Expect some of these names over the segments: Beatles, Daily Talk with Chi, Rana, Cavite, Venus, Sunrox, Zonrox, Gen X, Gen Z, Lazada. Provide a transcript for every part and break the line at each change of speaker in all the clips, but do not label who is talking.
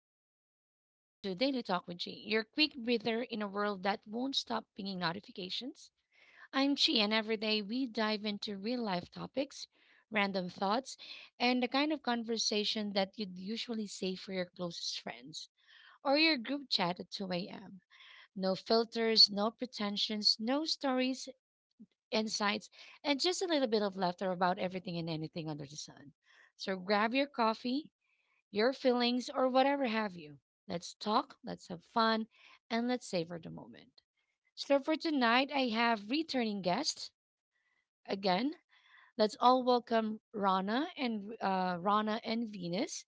Chi. Welcome to Daily Talk with Chi, your quick breather in a world that won't stop pinging notifications. I'm Chi, and every day we dive into real life topics, random thoughts, and the kind of conversation that you'd usually save for your closest friends or your group chat at 2 a.m. No filters, no pretensions, no stories, insights, and just a little bit of laughter about everything and anything under the sun. So grab your coffee your feelings, or whatever have you. Let's talk, let's have fun, and let's savor the moment. So for tonight, I have returning guests again. Let's all welcome Rana and Venus.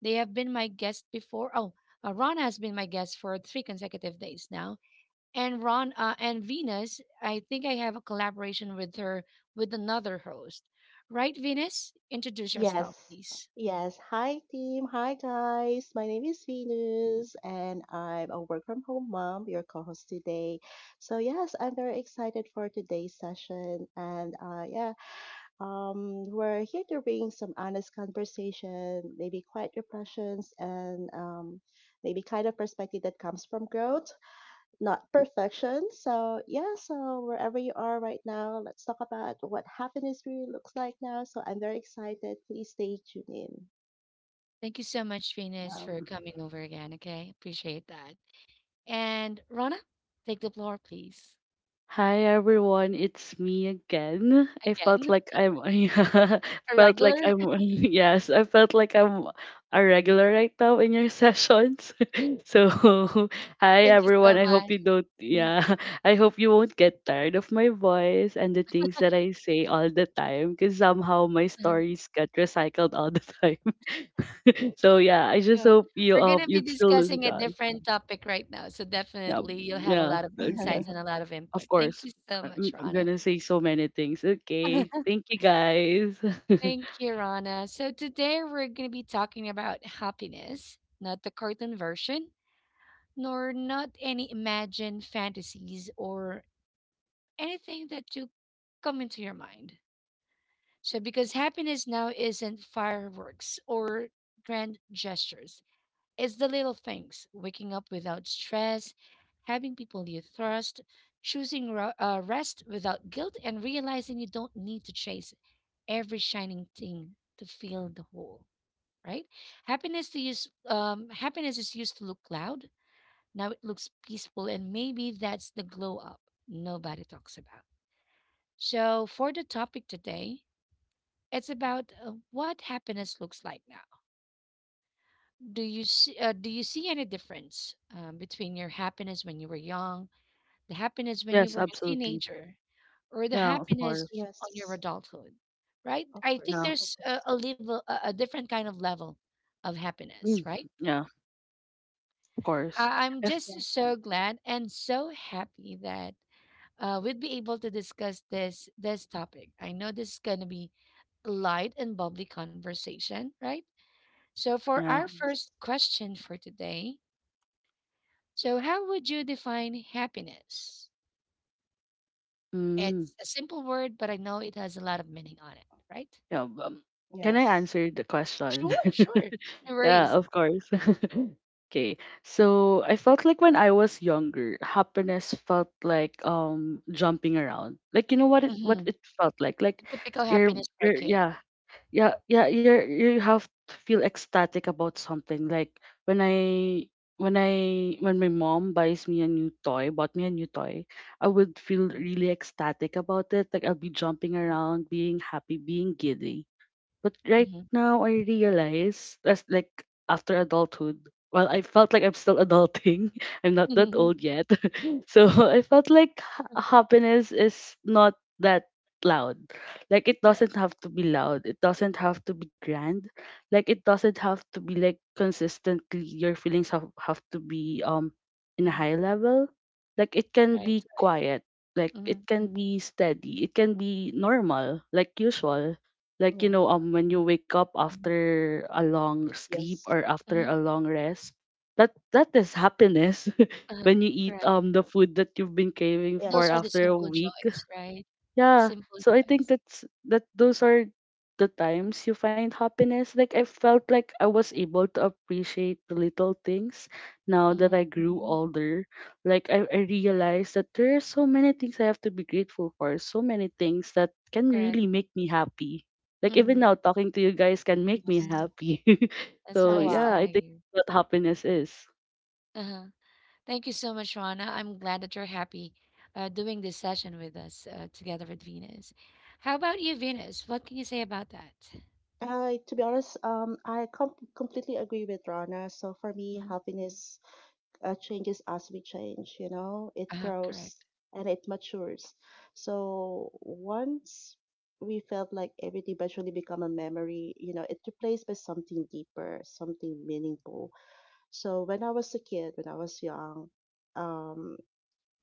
They have been my guest before. Oh, Rana has been my guest for three consecutive days now. And Venus, I think I have a collaboration with her with another host. Right, Venus? Introduce yourself,
Yes.
please.
Yes. Hi, team. Hi, guys. My name is Venus, and I'm a work from home mom, your co host today. So, yes, I'm very excited for today's session. We're here to bring some honest conversation, maybe quiet reflections, and maybe kind of perspective that comes from growth not perfection. So yeah, so wherever you are right now, let's talk about what happiness really looks like now. So I'm very excited. Please stay tuned in.
Thank you so much, Venus,
Um,
for coming over again. Okay. Appreciate that. And Rana, take the floor, please.
hi everyone, it's me again. I felt
Again,
like I'm yeah,
a
felt like
regular.
I'm yes, I felt like I'm a regular right now in your sessions. So hi
Thank you
everyone.
so
I hope
much.
you don't,
Mm,
yeah, I hope you won't get tired of my voice and the things that I say all the time because somehow my
uh,
stories get recycled all the time. So yeah, I just
so
hope you
we're going
um
to be
you'd still listen
discussing
to
a
us.
different topic right now. So
Yeah.
definitely you'll have a
Yeah.
lot of
Okay.
insights and a lot of input.
Of course.
Thank you so
I'm,
much,
I'm
Rana.
gonna say so many things. Okay. Thank you guys.
Thank you, Rana. So today we're going to be talking about happiness, not the cartoon version, nor not any imagined fantasies or anything that you come into your mind. So because happiness now isn't fireworks or grand gestures. It's the little things: waking up without stress, having people you trust, choosing rest without guilt, and realizing you don't need to chase every shining thing to feel the whole, right? Happiness is used to look loud. Now it looks peaceful, and maybe that's the glow up nobody talks about. So, for the topic today, it's about what happiness looks like now. Do you see any difference between your happiness when you were young, the happiness when you
yes,
were a
absolutely.
teenager, or the
Yeah, of
happiness
course.
on your
Yes,
adulthood? Right?
of
I think
Yeah.
course, of
there's
course.
a different kind of level of happiness.
Mm,
Right?
yeah, of course.
I'm
If
Yeah.
just so glad and so happy that we'd be able to discuss this topic. I know this is gonna be light and bubbly conversation, right? So, for
yeah.
our
Yes.
first question for today, so how would you define happiness?
Mm,
It's a simple word, but I know it has a lot of meaning on it, right?
yeah. Can I
Yes.
answer the
Sure,
question?
sure. No
yeah,
worries.
of course. okay. So I felt like when I was younger, happiness felt like jumping around. Like you know what it what
Hmm.
it felt like. Like
The typical
you're
happiness for a
you're
kid.
yeah, yeah, you have to feel ecstatic about something, like when I when I when my mom buys me a new toy bought me a new toy, I would feel really ecstatic about it, like I'll be jumping around, being happy, being giddy. But right
Mm-hmm.
now, I realize, as like after adulthood, well, I felt like I'm still adulting. I'm not that
Hmm.
old yet. so I felt like happiness is not that loud. Like it
Right.
doesn't have to be loud. It doesn't have to be grand. Like it doesn't have to be like consistently your feelings have to be in a
Mhm.
high level. Like it can
Right.
be
Right.
quiet. Like
Mm-hmm.
it can
Mm-hmm.
be steady. It can be normal, like usual, like, you
Yeah.
know, when you wake up
Mm-hmm.
after a long sleep
Yes.
or after
Mm-hmm.
a long rest, that is happiness.
Uh-huh.
when you eat
Correct.
the food that you've been craving
Those
for
are
Yes.
the
after a
simple
week.
joys, right?
Yeah.
Simple
So I think
joys.
that's that those are the times you find happiness. Like I felt like I was able to appreciate the little things now
Mm-hmm.
that I grew
Hmm.
older. Like I realized that there are so many things I have to be grateful for, so many things that can
Correct.
really make me happy. Like even
Mm-hmm.
now talking to you guys can make me
Yes.
Mm-hmm.
happy.
That's
so
Oh
nice
yeah,
to
I
know
wow.
think
you.
what happiness is.
Uh-huh. Thank you so much, Rana. I'm glad that you're happy doing this session with us together with Venus. How about you, Venus? What can you say about that?
I, to be honest, completely agree with Rana. So for me,
Mm.
happiness changes as we change, you know, it
Uh-huh,
grows
correct.
and it matures. So once we felt like everything eventually become a memory, you know, it replaced by something deeper, something meaningful. So when I was a kid, when I was young, um,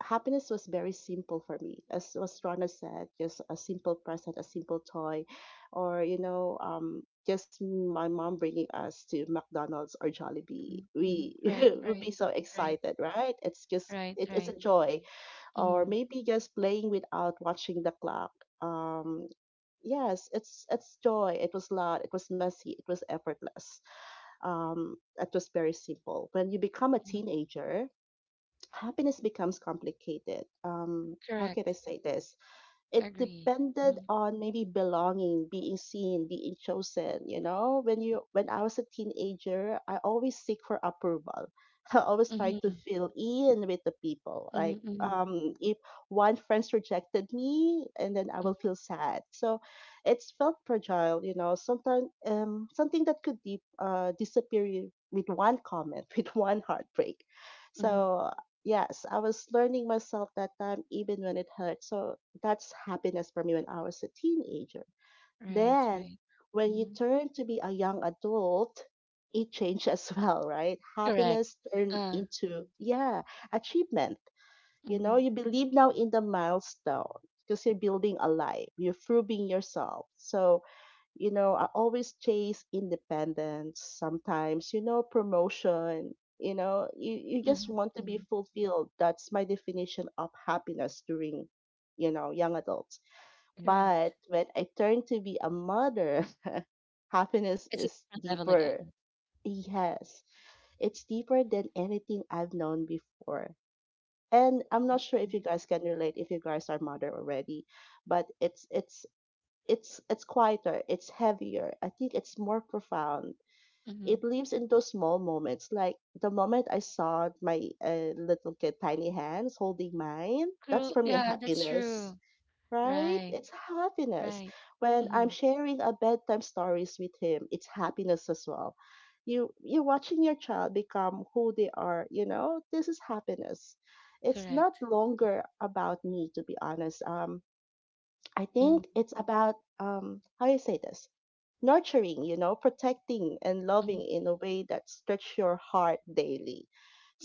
happiness was very simple for me as was Rana said, just a simple present, a simple toy, or you know, just my mom bringing us to McDonald's or
Mhm,
Jollibee,
mhm.
we
Right,
would
right,
be so
right,
excited, right? it's just
right,
it, it's
right.
a joy, or
Hmm.
maybe just playing without watching the clock. um yes, it's joy. It was loud, it was messy, it was effortless. It was very simple. When you become a teenager, happiness becomes complicated. How can I
Correct.
say this? It
Agree.
depended
Hmm.
on maybe belonging, being seen, being chosen. You know, when I was a teenager, I always seek for approval. I always try to
Hmm.
fill in with the people. Like
Hmm.
if one friends rejected me, and then I will
Hmm.
feel sad. So it's felt fragile. You know, sometimes something that could deep, disappear with one comment, with one heartbreak.
Hmm.
So yes, I was learning myself that time, even when it hurt. So that's happiness for me when I was a teenager.
Right,
Then,
right.
when you
Hmm.
turn to be a young adult, it changed as well, right?
Correct.
Happiness turned
Uh,
into, yeah, achievement. You
hmm.
know, you believe now in the milestone because you're building a life, you're proving yourself. So, you know, I always chase independence, sometimes, you know, promotion. You know, you just
Hmm.
want to be
Hmm.
fulfilled. That's my definition of happiness during, you know, young adults.
Correct.
But when I turned to be a mother, happiness
It's a
is
different level
deeper.
again.
Yes, it's deeper than anything I've known before. And I'm not sure if you
Mm-hmm.
guys can relate if you guys are mother already, but it's quieter, it's heavier. I think it's more profound. It
Mm-hmm.
lives in those small moments, like the moment I saw my little kid tiny hands holding mine. That's
True.
for me a
Yeah, that's
happiness,
true.
right?
Right.
It's happiness.
Right.
When I'm
Mm-hmm.
sharing a bedtime stories with him, it's happiness as well. You're watching your child become who they are, you know? This is happiness. It's not
Correct.
longer about me, to be honest. I
Mm-hmm.
think it's about how you say this? Nurturing, you know, protecting and
Mm-hmm.
loving in a way that stretch your heart daily.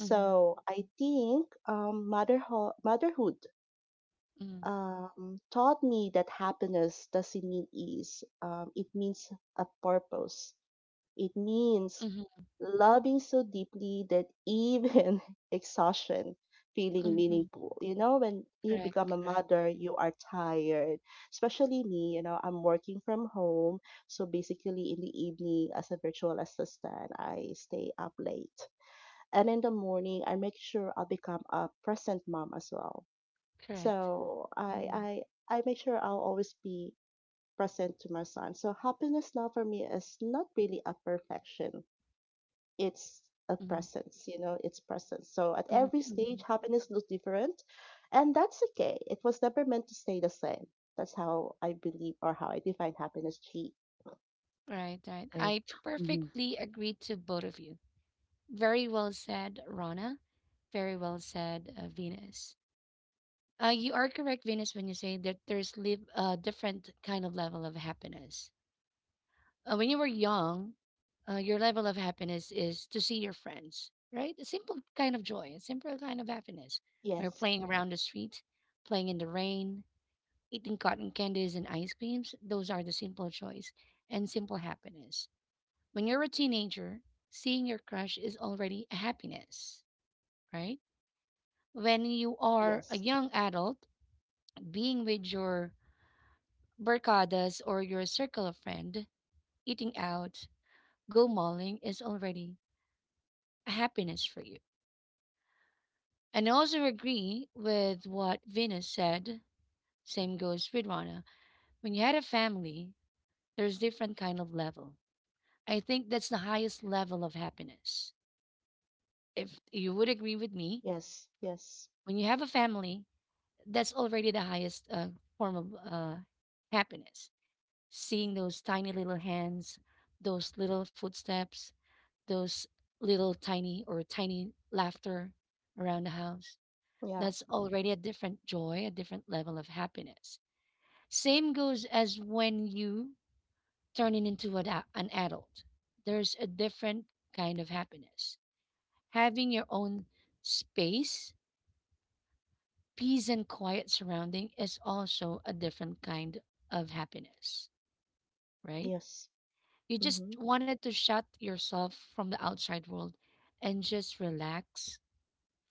Mm-hmm.
I think motherhood
Mm-hmm.
taught me that happiness doesn't mean ease. It means a purpose. It means
Mm-hmm.
loving so deeply that even exhaustion feeling
Mm-hmm.
meaningful. You know, when you become a
Correct. Correct.
mother, you are tired. Especially me, you know, I'm working from home. So basically in the evening as a virtual assistant, I stay up late. And in the morning, I make sure I become a present mom as well,
Correct.
so I
Mm-hmm.
I I make sure I'll always be present to my son. So happiness now for me is not really a perfection. It's a
Mm-hmm.
presence, you know, it's presence. So at
Mm-hmm.
every
Mm-hmm.
stage happiness looks different, and that's okay. It was never meant to stay the same. That's how I believe or how I define happiness, G.
Right. Right.
Right.
I
Mhm.
perfectly agree to both of you. Very well said, Rana. Very well said, Venus. You are correct, Venus, when you say that there's live a different kind of level of happiness. When you were young, your level of happiness is to see your friends, right? A simple kind of joy, a simple kind of happiness. When you're
Yes.
playing around the street, playing in the rain, eating cotton candies and ice creams, those are the simple joys and simple happiness. When you're a teenager, seeing your crush is already a happiness, right? When you are a
Yes.
young adult, being with your barcadas or your circle of friend, eating out, go mauling is already happiness for you. And I also agree with what Venus said. Same goes with Rana. When you had a family, there's different kind of level. I think that's the highest level of happiness. If you would agree with me,
Yes. Yes.
when you have a family, that's already the highest form of happiness. Seeing those tiny little hands, those little footsteps, those little tiny or tiny laughter around the house.
Yeah.
That's already a different joy, a different level of happiness. Same goes as when you turn it into an, an adult. There's a different kind of happiness. Having your own space, peace, and quiet surrounding is also a different kind of happiness, right?
Yes.
You just
Mm-hmm.
wanted to shut yourself from the outside world and just relax,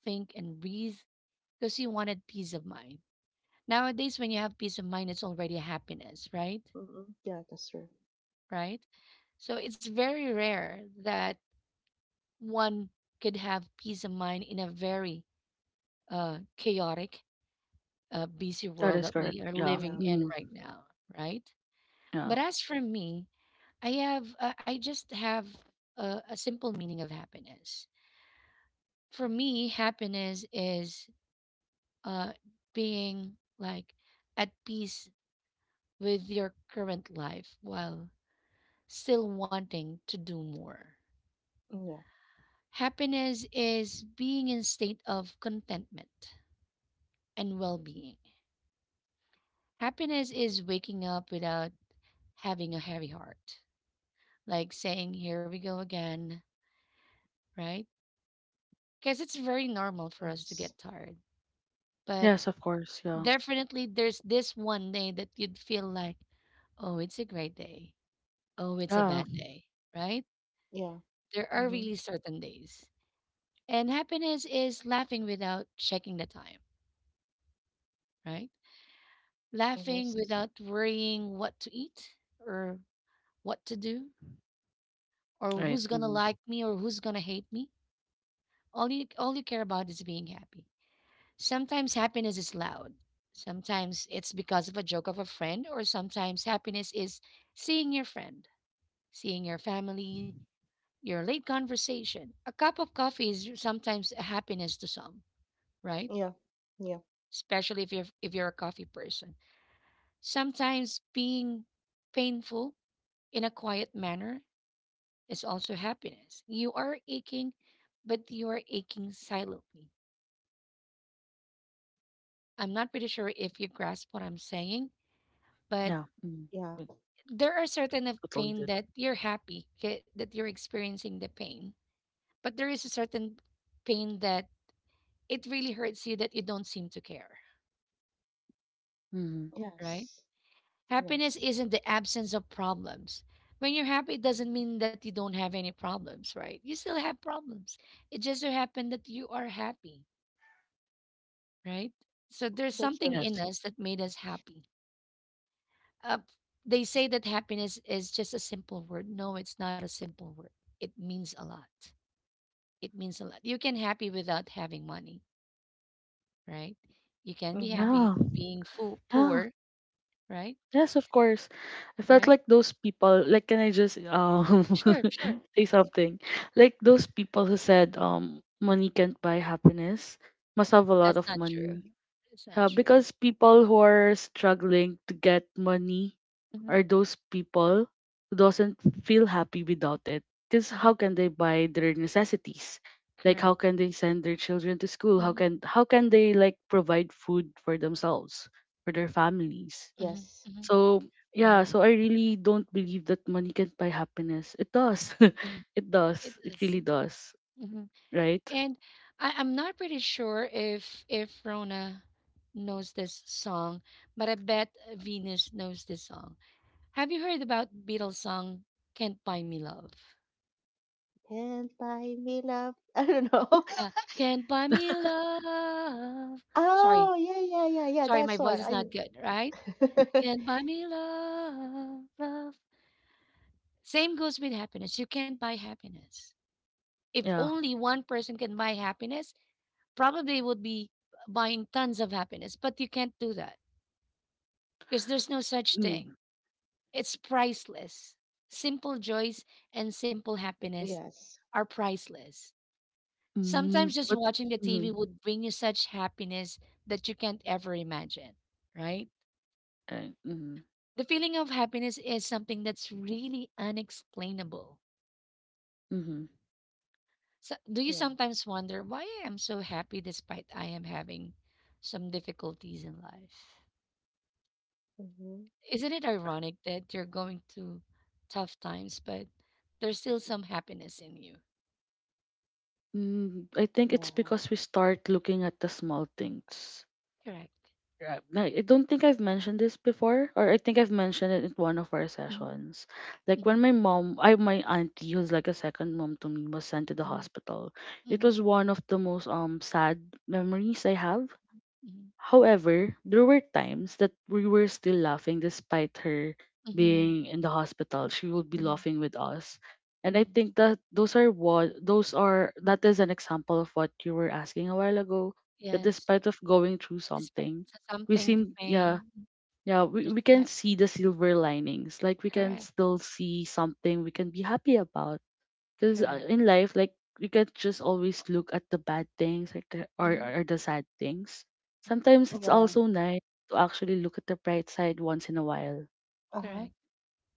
think, and breathe because you wanted peace of mind. Nowadays, when you have peace of mind, it's already happiness, right?
Mm-hmm. Yeah, that's true.
Right? So it's very rare that one could have peace of mind in a very chaotic, busy
That
world
is
that
correct.
we are
Yeah.
Yeah.
living in
Hmm.
right now, right?
Yeah.
But as for me, I just have a simple meaning of happiness. For me, happiness is uh, being like at peace with your current life while still wanting to do more.
Yeah.
Happiness is being in state of contentment and well-being. Happiness is waking up without having a heavy heart, like saying, "Here we go again," right? Because it's very normal for us to
Yes.
get tired, but
Yes, of course. Yeah.
definitely there's this one day that you'd feel like, "Oh, it's a great day. Oh, it's a
Yeah.
bad day," right?
Yeah.
There are
Mm-hmm.
really certain days, and happiness is laughing without checking the time, right? Laughing
Yes.
without worrying what to eat or what to do or
Right.
who's gonna
Mm.
like me or who's gonna hate me. All you care about is being happy. Sometimes happiness is loud. Sometimes it's because of a joke of a friend, or sometimes happiness is seeing your friend, seeing your family, your late conversation. A cup of coffee is sometimes a happiness to some, right?
Yeah, yeah,
Especially if you're a coffee person. Sometimes being painful in a quiet manner is also happiness. You are aching, but you are aching silently. I'm not pretty sure if you grasp what I'm saying, but
Yeah. Mm.
yeah.
We
there are certain of
totally
pain
did.
that you're happy okay, that you're experiencing the pain, but there is a certain pain that it really hurts you that you don't seem to care,
Mm.
right?
Yes,
Happiness
yes.
isn't the absence of problems. When you're happy, it doesn't mean that you don't have any problems, right? You still have problems. It just so happened that you are happy, right? So there's
That's
something
true.
in
Yes.
us that made us happy. Uh, they say that happiness is just a simple word. No, it's not a simple word. It means a lot. It means a lot. You can happy without having money, right? You can be
Mm-hmm.
Yeah.
happy being
Yeah.
poor, right?
Yes, of course. I felt
Right?
like those people. Like, can I just
Sure, sure.
say something? Like those people who said money can't buy happiness must have a
That's
lot of
not true.
money.
That's not
Yeah,
true.
because people who are struggling to get money
Hmm.
are those people who doesn't feel happy without it. Because
Hmm.
how can they buy their necessities? Like how
Correct.
can they send their children to school? How
Hmm.
can how can they like provide food for themselves, for their families?
Hmm.
Yes.
Hmm.
So yeah,
Right.
so I really don't believe that money can buy happiness. It does.
Mhm.
it
It
does. It
is.
really does. Right?
And I, I'm not pretty sure if Rona knows this song, but I bet Venus knows this song. Have you heard about Beatles song "Can't Buy Me Love"?
Can't buy me love. I don't know.
"Can't Buy Me Love." Sorry,
Oh, yeah.
sorry, my
That's
voice
one.
is not good, right?
I.
"Can't Buy Me Love, Love." Same goes with happiness. You can't buy happiness. If
Yeah.
only one person can buy happiness, probably would be buying tons of happiness, but you can't do that because there's no such thing.
Mm.
It's priceless. Simple joys and simple happiness
Yes.
are priceless.
Mm,
Sometimes just
but
watching the
mm,
TV would bring you such happiness that you can't ever imagine, right?
right. Mm-hmm.
The feeling of happiness is something that's really unexplainable.
Mm-hmm.
So, do you
Yeah.
sometimes wonder why I am so happy despite I am having some difficulties in life?
Mm-hmm.
Isn't it ironic that you're going through tough times, but there's still some happiness in you?
Mm, I think it's
Yeah.
because we start looking at the small things.
Correct.
Right. Like, I don't think I've mentioned this before, or I think I've mentioned it in one of our
Mhm,
sessions. Like when
mhm,
my mom, I my auntie, who's like a second mom to me, was sent to the
mhm,
hospital. It was
mhm,
one of the most sad memories I have.
mhm,
However, there were times that we were still laughing despite her
mhm,
being in the hospital. She would be
mhm,
laughing with us. And I
mhm.
think that those are what those are that is an example of what you were asking a while ago. That
Yes.
despite of going through
Despite
something, we
something, the
seem, yeah,
pain,
yeah, we,
you're
we can
still happy.
see the silver linings. Like we can
Correct.
still see something we can be happy about, because
Correct.
in life, like you can't just always look at the bad things like the,
Hmm.
or the sad things. Sometimes it's
Yeah.
also nice to actually look at the bright side once in a while.
Uh huh.
Correct.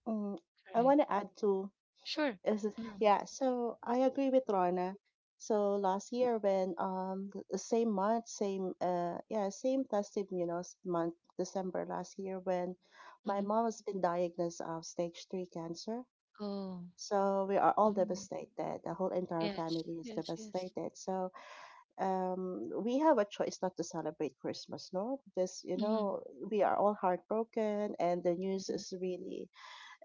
Mm. I want
Correct.
to add to.
Sure.
Is it-
Mm-hmm.
yeah, so I agree with Rana. So last year when th- the same month, same yeah, same festive, you know, month December last year, when my mom has been diagnosed of stage three cancer.
Oh.
So we are all
Mm-hmm.
devastated. The whole entire
Yes.
family is
Yes. Yes.
devastated. So we have a choice not to celebrate Christmas, no? Because you
Mm-hmm.
know, we are all heartbroken and the news is really,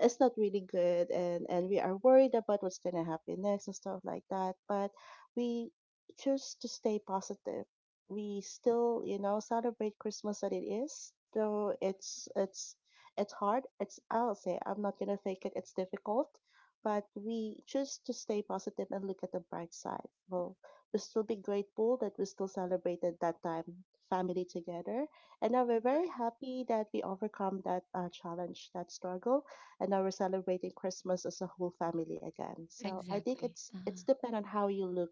it's not really good, and we are worried about what's going to happen next and stuff like that. But we choose to stay positive, we still, you know, celebrate Christmas that it is, though it's hard, it's, I'll say I'm not going to fake it, it's difficult. But we choose to stay positive and look at the bright side. Well, we still be grateful that we still celebrated that time, family together. And now we're very happy that we overcome that challenge, that struggle, and now we're celebrating Christmas as a whole family again. So I think
Exactly.
it's
Uh-huh.
it's depend on how you look,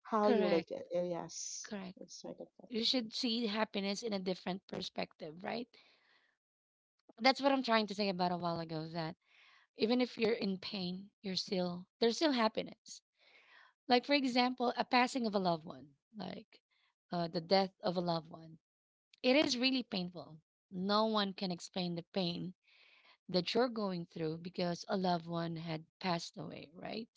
how you look
Correct.
at it. Yes,
Correct.
it's right at that.
You should see happiness in a different perspective, right? That's what I'm trying to say about a while ago. That even if you're in pain, you're still there's still happiness. Like, for example, a passing of a loved one, like the death of a loved one. It is really painful. No one can explain the pain that you're going through because a loved one had passed away, right?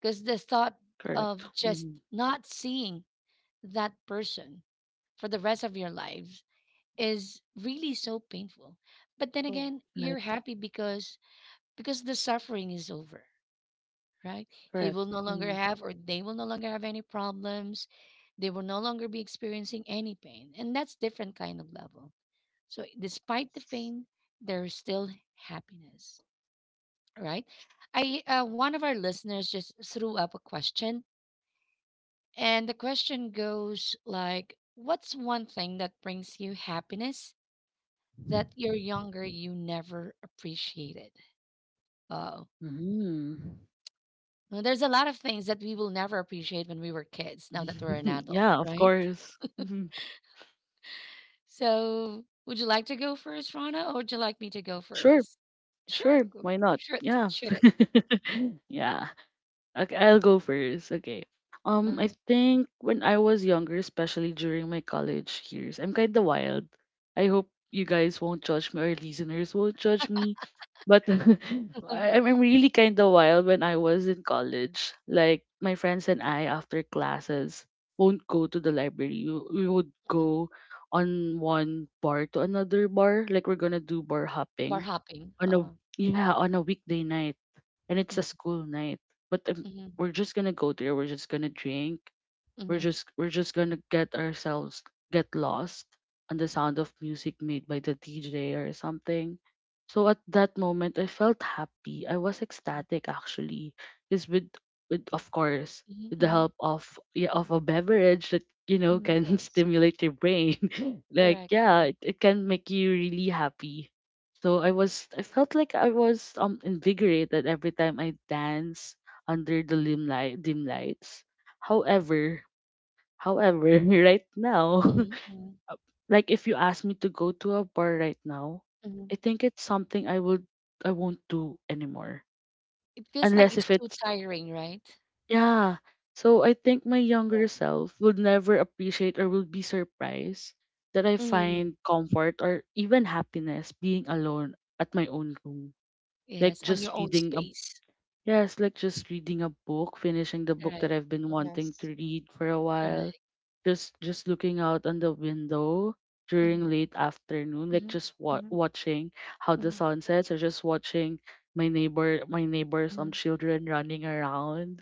Because the thought of
Correct.
just
Mm,
not seeing that person for the rest of your lives is really so painful. But then
Yeah.
again, you're
right,
happy because the suffering is over, right? He
correct.
will no longer
Mm.
have, or they will no longer have any problems. They will no longer be experiencing any pain. And that's different kind of level. So despite the
Yes.
pain, there is still happiness, right? I One of our listeners just threw up a question, and the question goes like, "What's one thing that brings you happiness that you're younger you never appreciated?" Oh,
Hmm.
well, there's a lot of things that we will never appreciate when we were kids, now that we're an adult,
yeah, of
right?
course. Mhm.
So, would you like to go first, Rana, or would you like me to go
Sure,
first? Sure,
sure.
go-
Why not?
shoot,
Yeah.
shoot it.
yeah. Okay, I'll go first. Okay. I
Uh-huh.
think when I was younger, especially during my college years, I'm kind of wild. I hope you guys won't judge me or listeners won't judge me. But
Mhm.
I'm really kind of wild when I was in college. Like, my friends and I, after classes, won't go to the library. We would
Mhm.
go on one bar to another bar. Like, we're gonna do bar
Bar
hopping
hopping.
on
Uh-huh.
yeah, on a weekday night, and it's a
Mm-hmm.
school night. But we're just gonna go there. We're just gonna drink. We're
Mm-hmm.
just we're just gonna get ourselves get lost on the sound of music made by the DJ or something. So at that moment I felt happy. I was ecstatic actually. Because with the
Mm-hmm.
help of, yeah, of a beverage that you know
Hmm.
can
Yes.
stimulate your brain. like
Correct, correct.
yeah, it can make you really happy. So I felt like I was invigorated every time I dance under the dim lights. However, However, right now,
Mm-hmm.
like if you ask me to go to a bar right now,
Hmm.
I think it's something I won't do anymore.
It feels like
Unless
it's
if
too
it's
tiring, right?
yeah. So I think my
Yeah.
younger self would never appreciate, or would be surprised that I
Mm.
find comfort or even happiness being alone at my own room. Like
Yes, on your
just
own
reading a
space.
yes, like just reading a book, finishing the book
Correct,
that I've been wanting to
Yes.
read for a while.
correct.
Just looking out on the window
Mm-hmm.
during late afternoon, like
Mm-hmm.
just watching how the
Mm-hmm.
sun sets or just watching my neighbors
Mm-hmm.
children running around.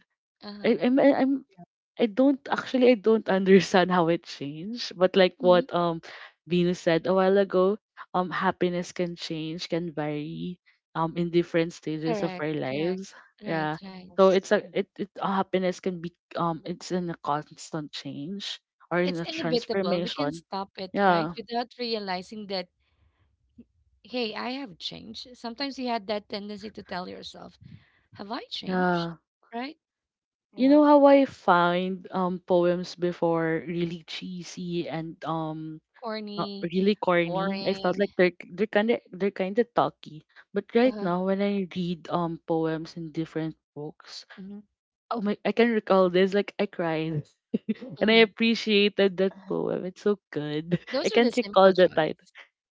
I,
Uh-huh.
I'm
Yeah.
I don't actually I don't understand how it changed, but like
Mm-hmm.
what Venus said a while ago, happiness can change, can vary in different stages of
Correct,
our
correct.
lives.
Right,
Yeah.
right.
So
Yes.
it's a
Mm.
it, it happiness can be it's in a constant change or in
It's
a
inevitable. We can
transformation.
stop it, right?
Yeah.
Without realizing that, hey, I have changed. Sometimes you had that tendency to tell yourself, have I changed?
Yeah.
Right?
You
Yeah.
know how
That's
I find poems before really cheesy and not
corny,
really corny. I felt
boring.
like they're they're kind of talky. But right
Uh-huh.
now, when I read poems in different books,
Hmm.
oh my, I can recall this. Like I cried, and I
Hmm.
appreciated that poem. It's so good. I
Those are
can't
the
recall
simple
the
joys,
title.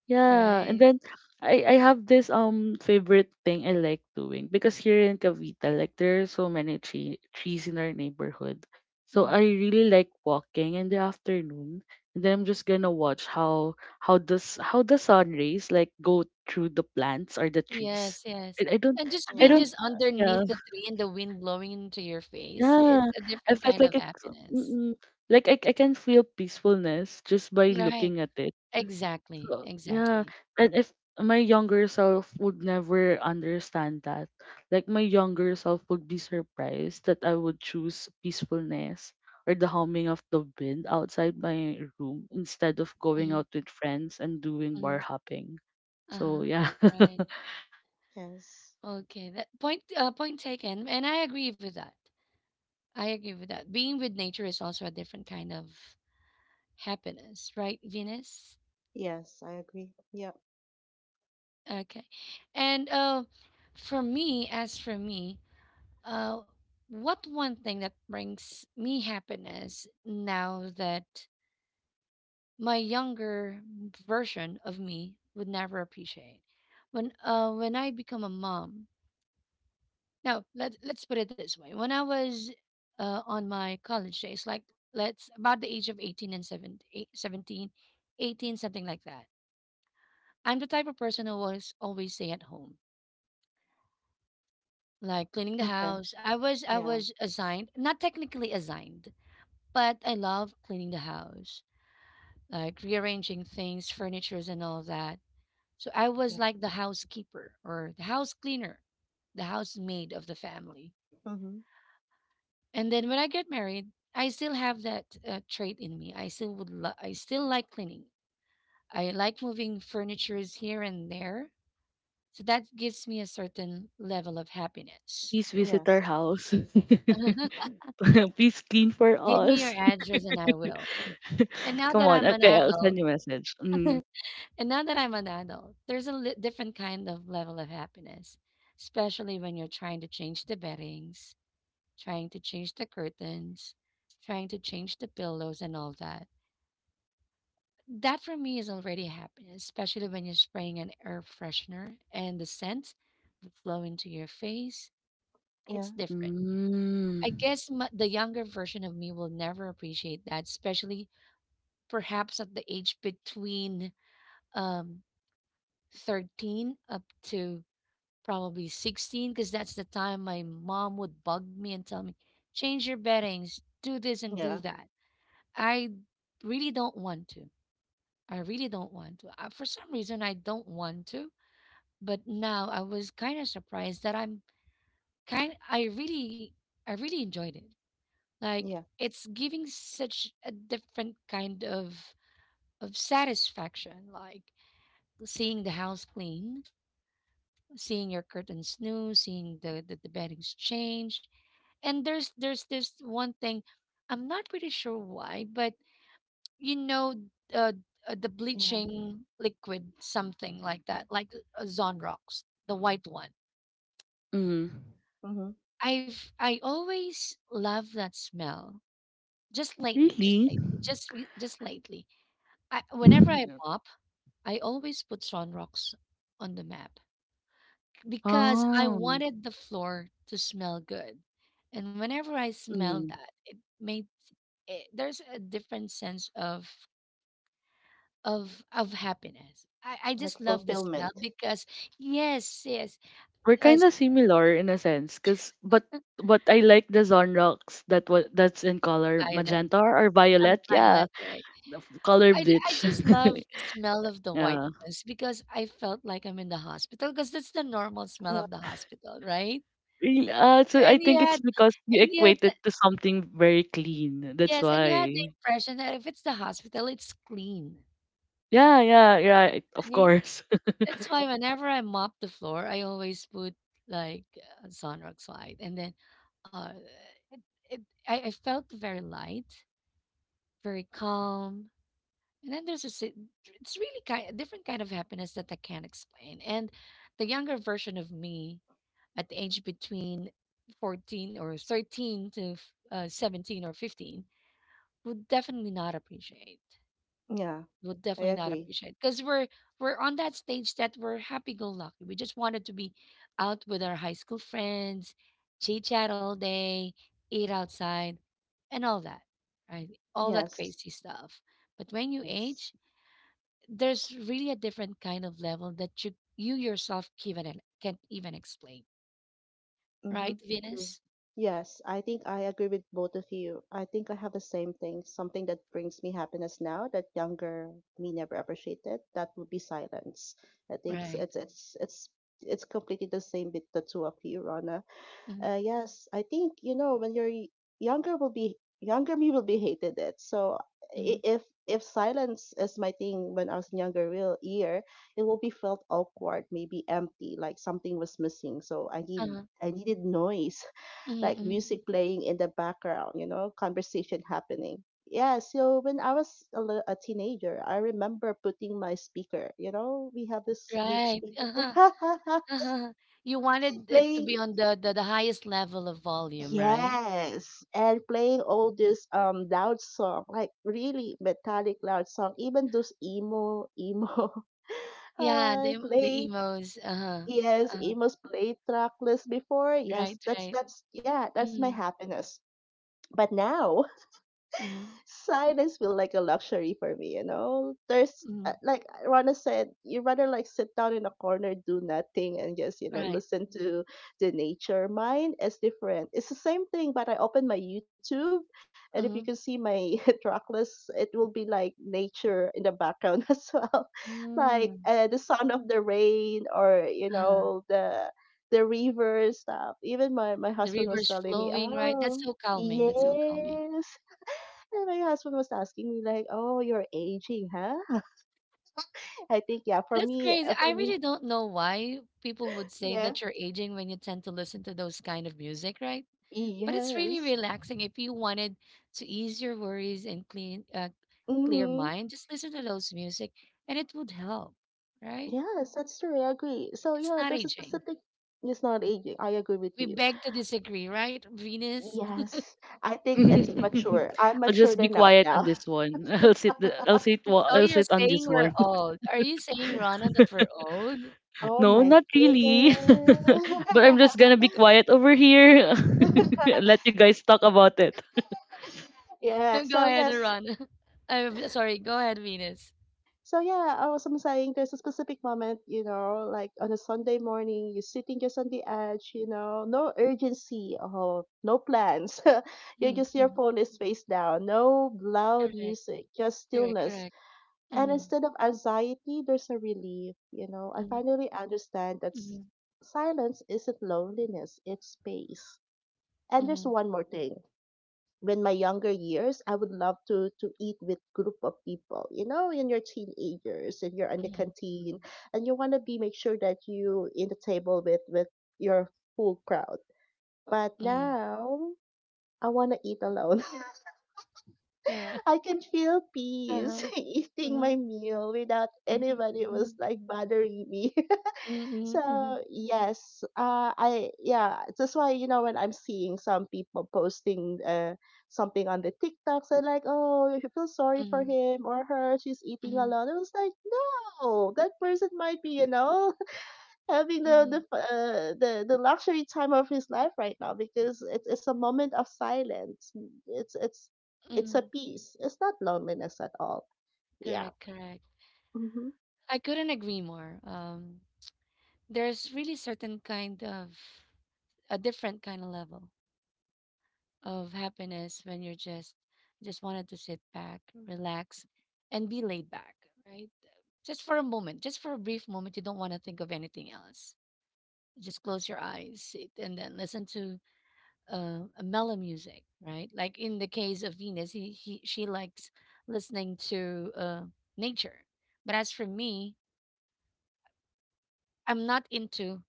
Yeah, and
right?
then I have this favorite thing I like doing because here in Cavite, like there are so many trees in our neighborhood. So
Hmm.
I really like walking in the afternoon, and then I'm just gonna watch how the sun rays like go through the plants or the trees.
Yes, yes.
I, I don't
And just
I
being
Yeah.
don't
just
yeah
underneath the tree and the wind blowing into your face,
yeah
it's a
I
different
felt
kind
like
of
it's mm,
happiness.
mm, like I can feel peacefulness just by
Right.
looking at it.
Exactly.
Co yeah,
Exactly.
and if my younger self would never understand that, like my younger self would be surprised that I would choose peacefulness or the humming of the wind outside my room instead of going
Mm-hmm.
out with friends and doing
Mm-hmm.
bar hopping.
Uh-huh.
So yeah,
Right.
Yes.
Okay, that point taken, and I agree with that. I agree with that. Being with nature is also a different kind of happiness, right, Venus?
Yes. I agree. Yeah.
Okay, and for me, as for me, uh, what one thing that brings me happiness now that my younger version of me would never appreciate when when I become a mom. No, let's put it this way. When I was on my college days, like let's about the age of 18 and 17, 17, 18, something like that. I'm the type of person who was always stay at home, like cleaning the
Okay.
house. I
Yeah.
was assigned, not technically assigned, but I love cleaning the house, like rearranging things, furnitures and all that. So I was
Yeah.
like the housekeeper or the house cleaner, the housemaid of the family.
Mhm.
And then when I get married, I still have that trait in me. I still like cleaning. I like moving furnitures here and there. So that gives me a certain level of happiness.
please visit our
Yes.
house. please clean for
Give me your
us.
address and I will. And now
Come
that
on,
I'm an
okay, I'll send
adult,
you a message. Mm.
and now that I'm an adult, there's a different kind of level of happiness, especially when you're trying to change the beddings, trying to change the curtains, trying to change the pillows and all that. That for me is already happening, especially when you're spraying an air freshener and the scent that flow into your face. It's
Yeah.
different. I
Mm.
guess m the younger version of me will never appreciate that, especially perhaps at the age between um 13 up to probably 16, because that's the time my mom would bug me and tell me, change your beddings, do this and do
Yeah.
that. I really don't want to. I really don't want to. For some reason, I don't want to. But now I was kind of surprised that I really, I really enjoyed it. Like
Yeah.
it's giving such a different kind of satisfaction, like seeing the house clean, seeing your curtains new, seeing the beddings change. And there's this one thing, I'm not pretty sure why, but you know, uh, the
Yeah.
bleaching liquid, something like that, like Zonrox, the white one.
Mm.
Mhm.
I always love that smell. Just lately, just
Really?
lately, just lately. I, whenever I
Mhm.
mop, I always put sunrocks on the map because I
Oh.
wanted the floor to smell good. And whenever I smell
Mm.
that, there's a different sense of of happiness. I
Like
just love the smell
fulfillment.
because yes, yes,
We're kind
us.
of similar in a sense, cause but I like the Zonrox that what that's in color
Violet,
magenta or
I'm
violet. Yeah,
Violet, right?
the color
I
bleach.
just love the smell of the white
yeah.
ones because I felt like I'm in the hospital because that's the normal smell
Uh,
of the hospital, right?
Really, So I
And you
think it's
had
because you
and you had
equate
the,
it to something very clean. That's
yes, and you had the
why.
impression that if it's the hospital, it's clean.
Yeah, yeah, yeah. Of
Right?
course.
That's
yeah.
why whenever I mop the floor, I always put like Sunrock's white, and then uh, it, it I felt very light, very calm. And then it's really kind a different kind of happiness that I can't explain. And the younger version of me at the age between 14 or 13 to 17 or 15 would definitely not appreciate.
Yeah.
Would
I
definitely not
agree.
appreciate because we're on that stage that we're happy go lucky. We just wanted to be out with our high school friends, chit chat all day, eat outside, and all that, right? All that
Yes.
crazy stuff. But when you
Yes.
age, there's really a different kind of level that you yourself even can't even explain,
Mm-hmm.
right,
True.
Venus?
Yes, I think I agree with both of you. I think I have the same thing. Something that brings me happiness now that younger me never appreciated. That would be silence. I think it's
Right.
it's it's it's, it's completely the same with the two of you, Rana.
Mm-hmm.
Yes, I think you know when you're younger me will be hated it. So, if silence is my thing when I was in younger real year, it will be felt awkward, maybe empty, like something was missing. So
Uh-huh.
I needed noise, like
Mm-hmm.
music playing in the background, you know, conversation happening. Yeah, so when I was a, a teenager, I remember putting my speaker. You know, we have this big
Right.
speaker
Uh-huh. Uh-huh. You wanted it to be
playing.
on the highest level of volume, right?
Yes, and playing all this loud song, like really metallic loud song, even those emo
Yeah, the
play
emos. Uh-huh.
yes,
Uh,
emo's play tracklist before.
right,
Yes, that's
right.
that's yeah, that's my
Mm-hmm.
happiness. But now
Mm-hmm.
silence feel like a luxury for me, you know? There's,
Mm-hmm.
like Rana said, you rather like sit down in a corner, do nothing, and just, you know,
Right.
listen to the nature. Mine is different. It's the same thing, but I open my YouTube, and if you
Mm-hmm.
can see my track list, it will be like nature in the background as well. Like
Mm-hmm.
the sound of the rain, or, you
Uh,
know, the river stuff. Even my
the
husband was
river's
telling me,
flowing, right? That's
oh,
so calming. That's so calming.
yes. And my husband was asking me like, "Oh, you're aging, huh?" I think yeah,
That's crazy.
for
I
me,
really don't know why people would say
yeah,
that you're aging when you tend to listen to those kind of music, right? But it's really
yes,
relaxing. If you wanted to ease your worries and clean clear
mm-hmm.
mind, just listen to those music and it would help, right?
Yes, that's true. I agree. So
It's
yeah,
not
there's a
aging.
specific. It's not aging. I agree with
We
you.
beg to disagree, right, Venus?
Yes, I think it's mature. I'm
I'll
matured
just be
enough
quiet on
now.
this one. I'll sit. The- I'll sit. Wa-
So
I'll
you're
sit on
saying
this
we're
one.
old. Are you saying, Rana, that we're old?
Oh
No,
my
not really.
goodness.
but I'm just gonna be quiet over here. and let you guys talk about it.
Go
Yeah. So
ahead,
yes,
Rana. I'm sorry. Go ahead, Venus.
so yeah, I'm saying there's a specific moment, you know, like on a Sunday morning, you're sitting just on the edge, you know, no urgency, oh, no plans. You're
Mm-hmm.
just, your
Mm-hmm.
phone is face down, no loud
Correct.
music, just
Correct.
stillness.
Correct.
And
Mhm.
instead of anxiety, there's a relief, you know. I
Mhm,
finally understand that
mhm,
silence isn't loneliness, it's space. And there's
mhm,
one more thing, when my younger years, I would love to eat with group of people. You know, in your teenagers and you're in the
mhm,
canteen and you want to be make sure that you in the table with your full crowd. But
mhm.
now I want to eat alone.
Correct.
I can feel peace
Uh-huh.
eating my
Mhm,
meal without
mhm,
anybody was
mhm,
like bothering me. So
mhm, mhm,
yes, that's why you know when I'm seeing some people posting something on the TikToks and like, oh, you feel sorry for
mhm,
him or her, she's eating a
mhm,
lot. I was like, no, that person might be, you know, having
mhm,
the luxury time of his life right now because it's a moment of silence. It's it's it's a
mhm.
peace. It's not loneliness at all. Yeah.
Correct, correct.
Mm-hmm.
I couldn't agree more. There's really certain kind of a different kind of level of happiness when you're just wanted to sit back, relax, and be laid back, right? Just for a moment, just for a brief moment, you don't want to think of anything else. Just close your eyes, sit, and then listen to a mellow music, right? Like in the case of Venus, he she likes listening to nature. But as for me, I'm not into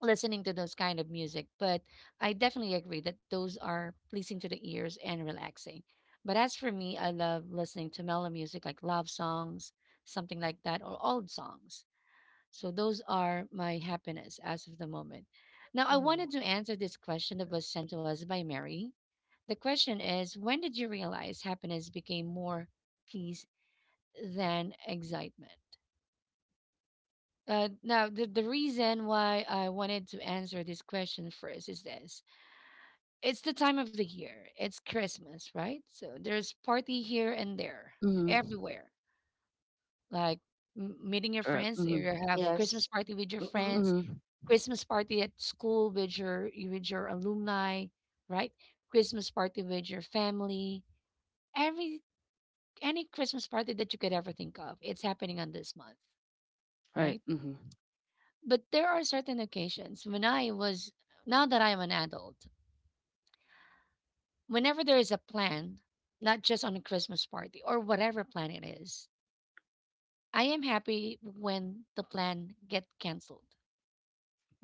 listening to those kind of music. But I definitely agree that those are pleasing to the ears and relaxing. But as for me, I love listening to mellow music like love songs, something like that, or old songs. So those are my happiness as of the moment. Now I
Yeah.
wanted to answer this question that was sent to us by Mary. The question is, when did you realize happiness became more peace than excitement? Now, the reason why I wanted to answer this question first is this: it's the time of the year, it's Christmas, right? So there's party here and there,
Mm-hmm.
everywhere. Like meeting your
Right.
friends, you
Mm-hmm.
have Christmas
Yes.
party with your
Mm-hmm.
friends,
Mm-hmm.
Christmas party at school with your alumni, right? Christmas party with your family. Every Any Christmas party that you could ever think of, it's happening on this month,
Right.
right?
Mm-hmm.
But there are certain occasions when now that I am an adult, whenever there is a plan, not just on a Christmas party or whatever plan it is, I am happy when the plan get canceled.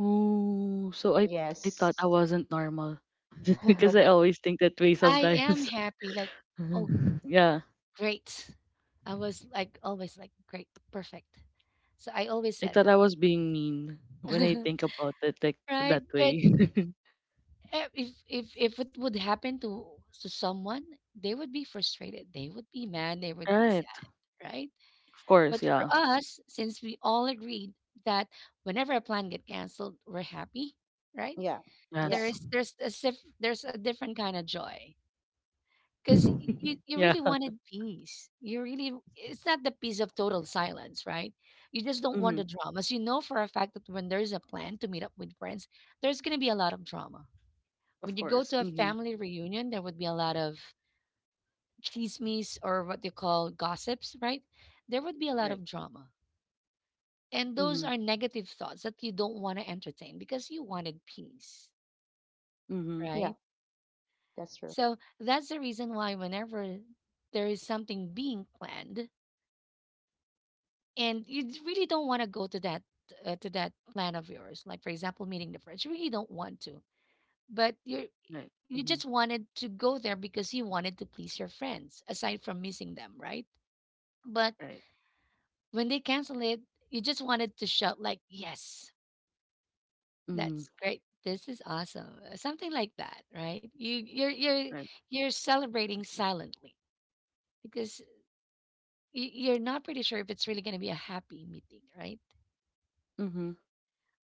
Ooh, so I thought
Yes.
I wasn't normal, because I always think that way
I am
sometimes.
happy, like, oh,
yeah,
great. I was like, always like, great, perfect. So I always
I
said
thought I was being mean when I
that.
think about it like
Right?
that
But
way.
eh, if it would happen to someone, they would be frustrated. They would be mad. They would be
right.
sad, right?
Of course,
But for
yeah.
us, since we all agreed that whenever a plan get canceled, we're happy, right?
Yeah, yeah,
Yes.
There's a different kind of joy because you
yeah.
really wanted peace. You really it's not the peace of total silence, right? You just don't want
Mm-hmm.
the dramas. You know for a fact that when there's a plan to meet up with friends, there's gonna be a lot of drama.
Of
When you go
course.
to a
Mm-hmm.
family reunion, there would be a lot of chismes or what they call gossips, right? There would be a lot
Right.
of drama. And those
Mm-hmm.
are negative thoughts that you don't want to entertain because you wanted peace,
Mm-hmm.
yeah.
right?
That's true.
So that's the reason why whenever there is something being planned and you really don't want to go to that plan of yours, like for example meeting the friends, you really don't want to, but
Right.
you
Mm-hmm.
just wanted to go there because you wanted to please your friends aside from missing them, right? But
Right.
when they cancel it, you just wanted to shout like, "Yes,
Mm-hmm.
that's great. This is awesome." Something like that, right?
Right.
You're celebrating silently because you're not pretty sure if it's really going to be a happy meeting, right?
Mm-hmm.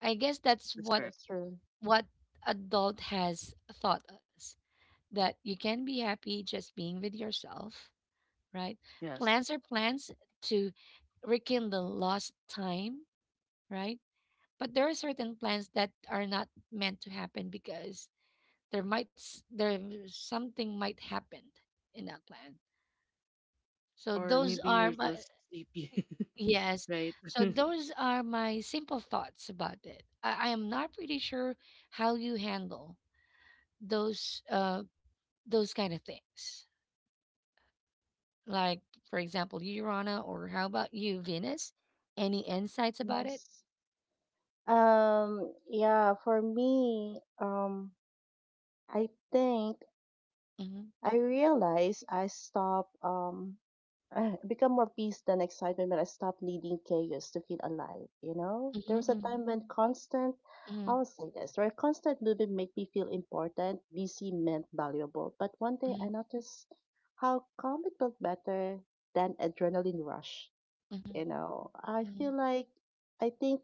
I guess that's
That's
what
correct.
That's true.
what adult has taught us that you can be happy just being with yourself, right?
Yes.
Plans are plans to rekindle lost time, right? But there are certain plans that are not meant to happen because there something might happen in that plan. So
Or
those
maybe
are
you're
my
just sleepy.
eh, yes.
right.
So those are my simple thoughts about it. I am not pretty sure how you handle those uh those kind of things. Like for example, you, Urana, or how about you, Venus? Any insights about it?
Yes. Yeah. For me, I think
Mm-hmm.
I realized I stopped. I become more peace than excitement when I stopped needing chaos to feel alive. You know, there was a
Mm-hmm.
time when constant.
Mm-hmm.
I will say this, where constant movement made me feel important, busy meant valuable. But one day
Mm-hmm.
I noticed how calm it felt better than adrenaline rush
Mm-hmm.
you know I feel like I think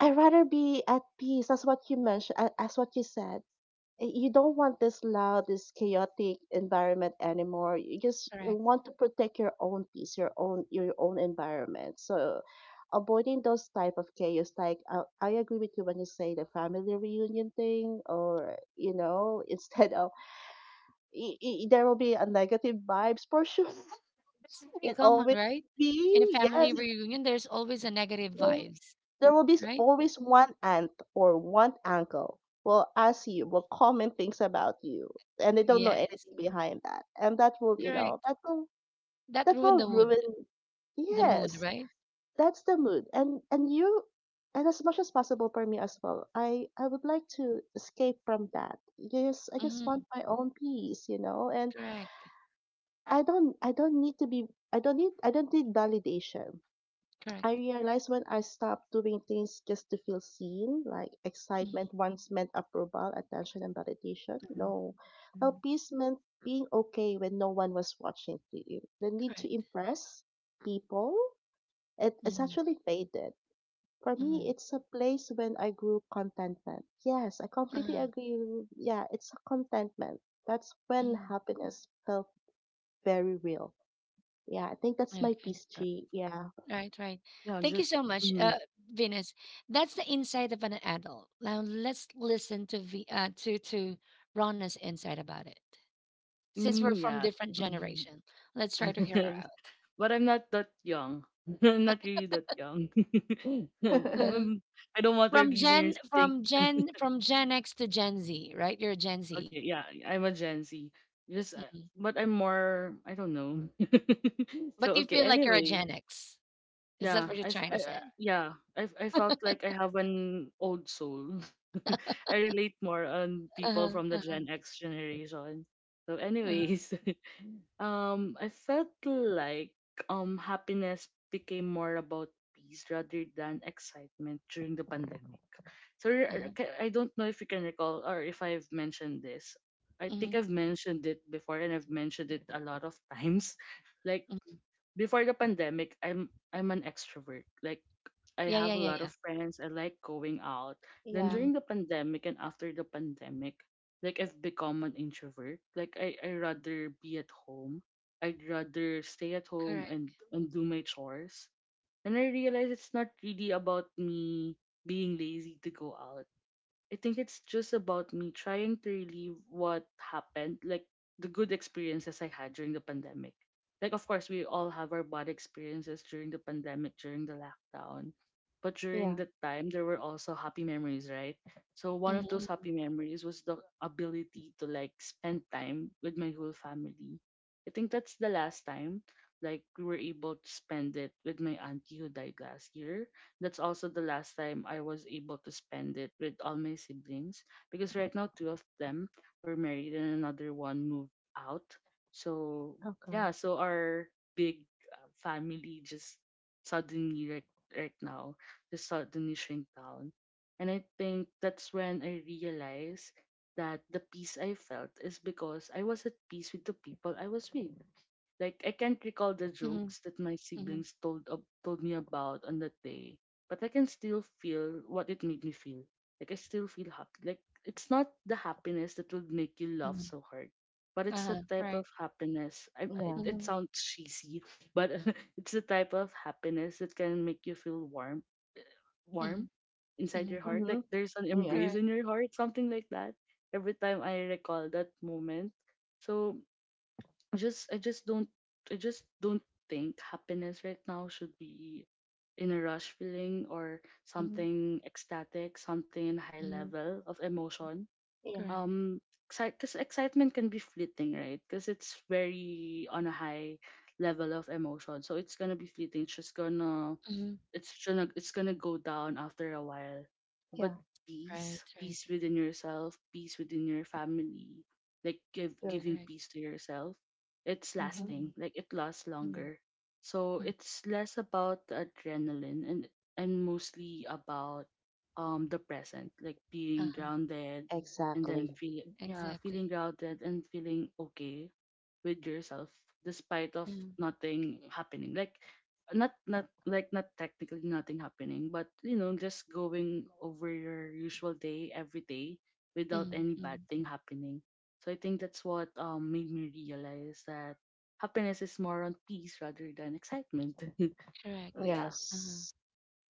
I'd rather be at peace. That's what you mentioned as what you said. You don't want this loud, this chaotic environment anymore, you just
Mm-hmm.
want to protect your own peace, your own, your own environment. So avoiding those type of chaos, like I agree with you when you say the family reunion thing, or you know, instead of I there will be a negative vibes for sure.
That's very
It
common,
always
right?
be.
In a
Yes,
family
it's,
reunion, there's always a negative
so
vibes,
there will be
right?
always one aunt or one uncle will ask you, will comment things about you, and they don't know
Yes,
anything behind that. And that will,
correct. That
that
ruined
will ruin.
the mood,
Yes,
right?
that's the mood. And you, and as much as possible for me as well. I would like to escape from that. Yes, I just
Mm,
want my own peace, you know. And
correct,
I don't need to be, I don't need validation.
correct.
I realized when I stopped doing things just to feel seen, like
Mm,
excitement once meant approval, attention, and validation.
mm,
No. Now,
mm,
peace meant being okay when no one was watching to you. The need to
correct.
impress people, it's
Mm,
actually faded. For
mm,
me, it's a place when I grew contentment. Yes, I completely
uh,
agree. Yeah, it's a contentment. That's when
mm.
happiness felt very real. Yeah, I think that's my
Okay,
peace,
Uh,
G. Yeah.
right, right.
yeah.
Thank you
Just.
so much,
Mm-hmm.
Venus. That's the insight of an adult. Now let's listen to v to Rana's insight about it. Since we're
Mm,
from
yeah.
different
Mhm.
generation, let's try to hear her out.
but I'm not that young. I'm not really that young.
Uh-huh.
Um, I don't want our
From Gen
listeners to think,
from Gen from Gen X to Gen Z, right? You're a Gen Z.
okay, yeah, I'm a Gen Z. Just,
Mhm.
but I'm more, I don't know.
But
so
you
okay,
feel like you're a
anyway,
Gen X. Is that
yeah,
what you're trying to say?
yeah, I've, I felt like I have an old soul. I relate more on people
Uh-huh.
from the
Uh-huh.
Gen X generation. So,
Uh-huh.
anyways, I felt like happiness became more about peace rather than excitement during the pandemic.
Uh-huh.
I don't know if you can recall or if I've mentioned this. I
Hmm.
think I've mentioned it before, and I've mentioned it a lot of times. Like
Hmm.
before the pandemic, I'm an extrovert. Like I
Yeah, yeah,
have a
yeah,
lot
yeah.
of friends. I like going out. Then
Yeah.
Hmm.
during the pandemic and after the pandemic, like I've become an introvert. Like I rather be at home. I'd rather stay at home
Correct.
and do my chores. And I realize it's not really about me being lazy to go out. I think it's just about me trying to relieve what happened, like the good experiences I had during the pandemic. Like, of course, we all have our bad experiences during the pandemic, during the lockdown. But during
Yeah.
that time, there were also happy memories, right? So, one of those
Mm-hmm.
happy memories was the ability to like spend time with my whole family. I think that's the last time like we were able to spend it with my auntie who died last year. That's also the last time I was able to spend it with all my siblings because right now two of them were married and another one moved out. So, yeah,
Okay.
so our big family just suddenly, right, right now just suddenly shrink down. And I think that's when I realized that the peace I felt is because I was at peace with the people I was with. Like I can't recall the
Mm-hmm.
jokes that my
Mm-hmm.
siblings told me about on that day, but I can still feel what it made me feel. Like I still feel happy. Like it's not the happiness that would make you laugh
Hmm.
so hard, but it's a
Uh-huh.
type
Right.
of happiness. I
Yeah.
it
Mm-hmm.
sounds cheesy, but it's the type of happiness that can make you feel warm,
Mm-hmm.
warm inside your
Hmm.
heart. Like
Mhm.
there's an
Yeah.
embrace
Correct.
in your heart, something like that. Every time I recall that moment, so I just I just don't I just don't think happiness right now should be in a rush feeling or
Mm-hmm.
something ecstatic, something in high
Hmm.
level of emotion.
Yeah.
Correct.
Um, because excitement can be fleeting, right? Because it's very on a high level of emotion, so it's gonna be fleeting. It's just gonna
Mm-hmm.
it's gonna go down after a while. But
Yeah.
Right,
peace,
right.
peace within yourself, peace within your family, like give
True.
giving
Correct.
peace to yourself, it's
Mhm.
Mm-hmm.
lasting. Like it lasts
Mm-hmm.
longer. So
Mm-hmm.
it's less about the adrenaline and mostly about the present, like being
Uh-huh.
grounded and then
Exactly.
feel yeah,
Exactly.
feeling grounded and feeling okay with yourself despite of
Mm-hmm.
nothing happening, like not like not technically nothing happening, but you know just going over your usual day every day without any
Mm-hmm.
bad thing happening. So I think that's what made me realize that happiness is more on peace rather than excitement. So
Correct.
yeah.
Uh-huh.
Yes.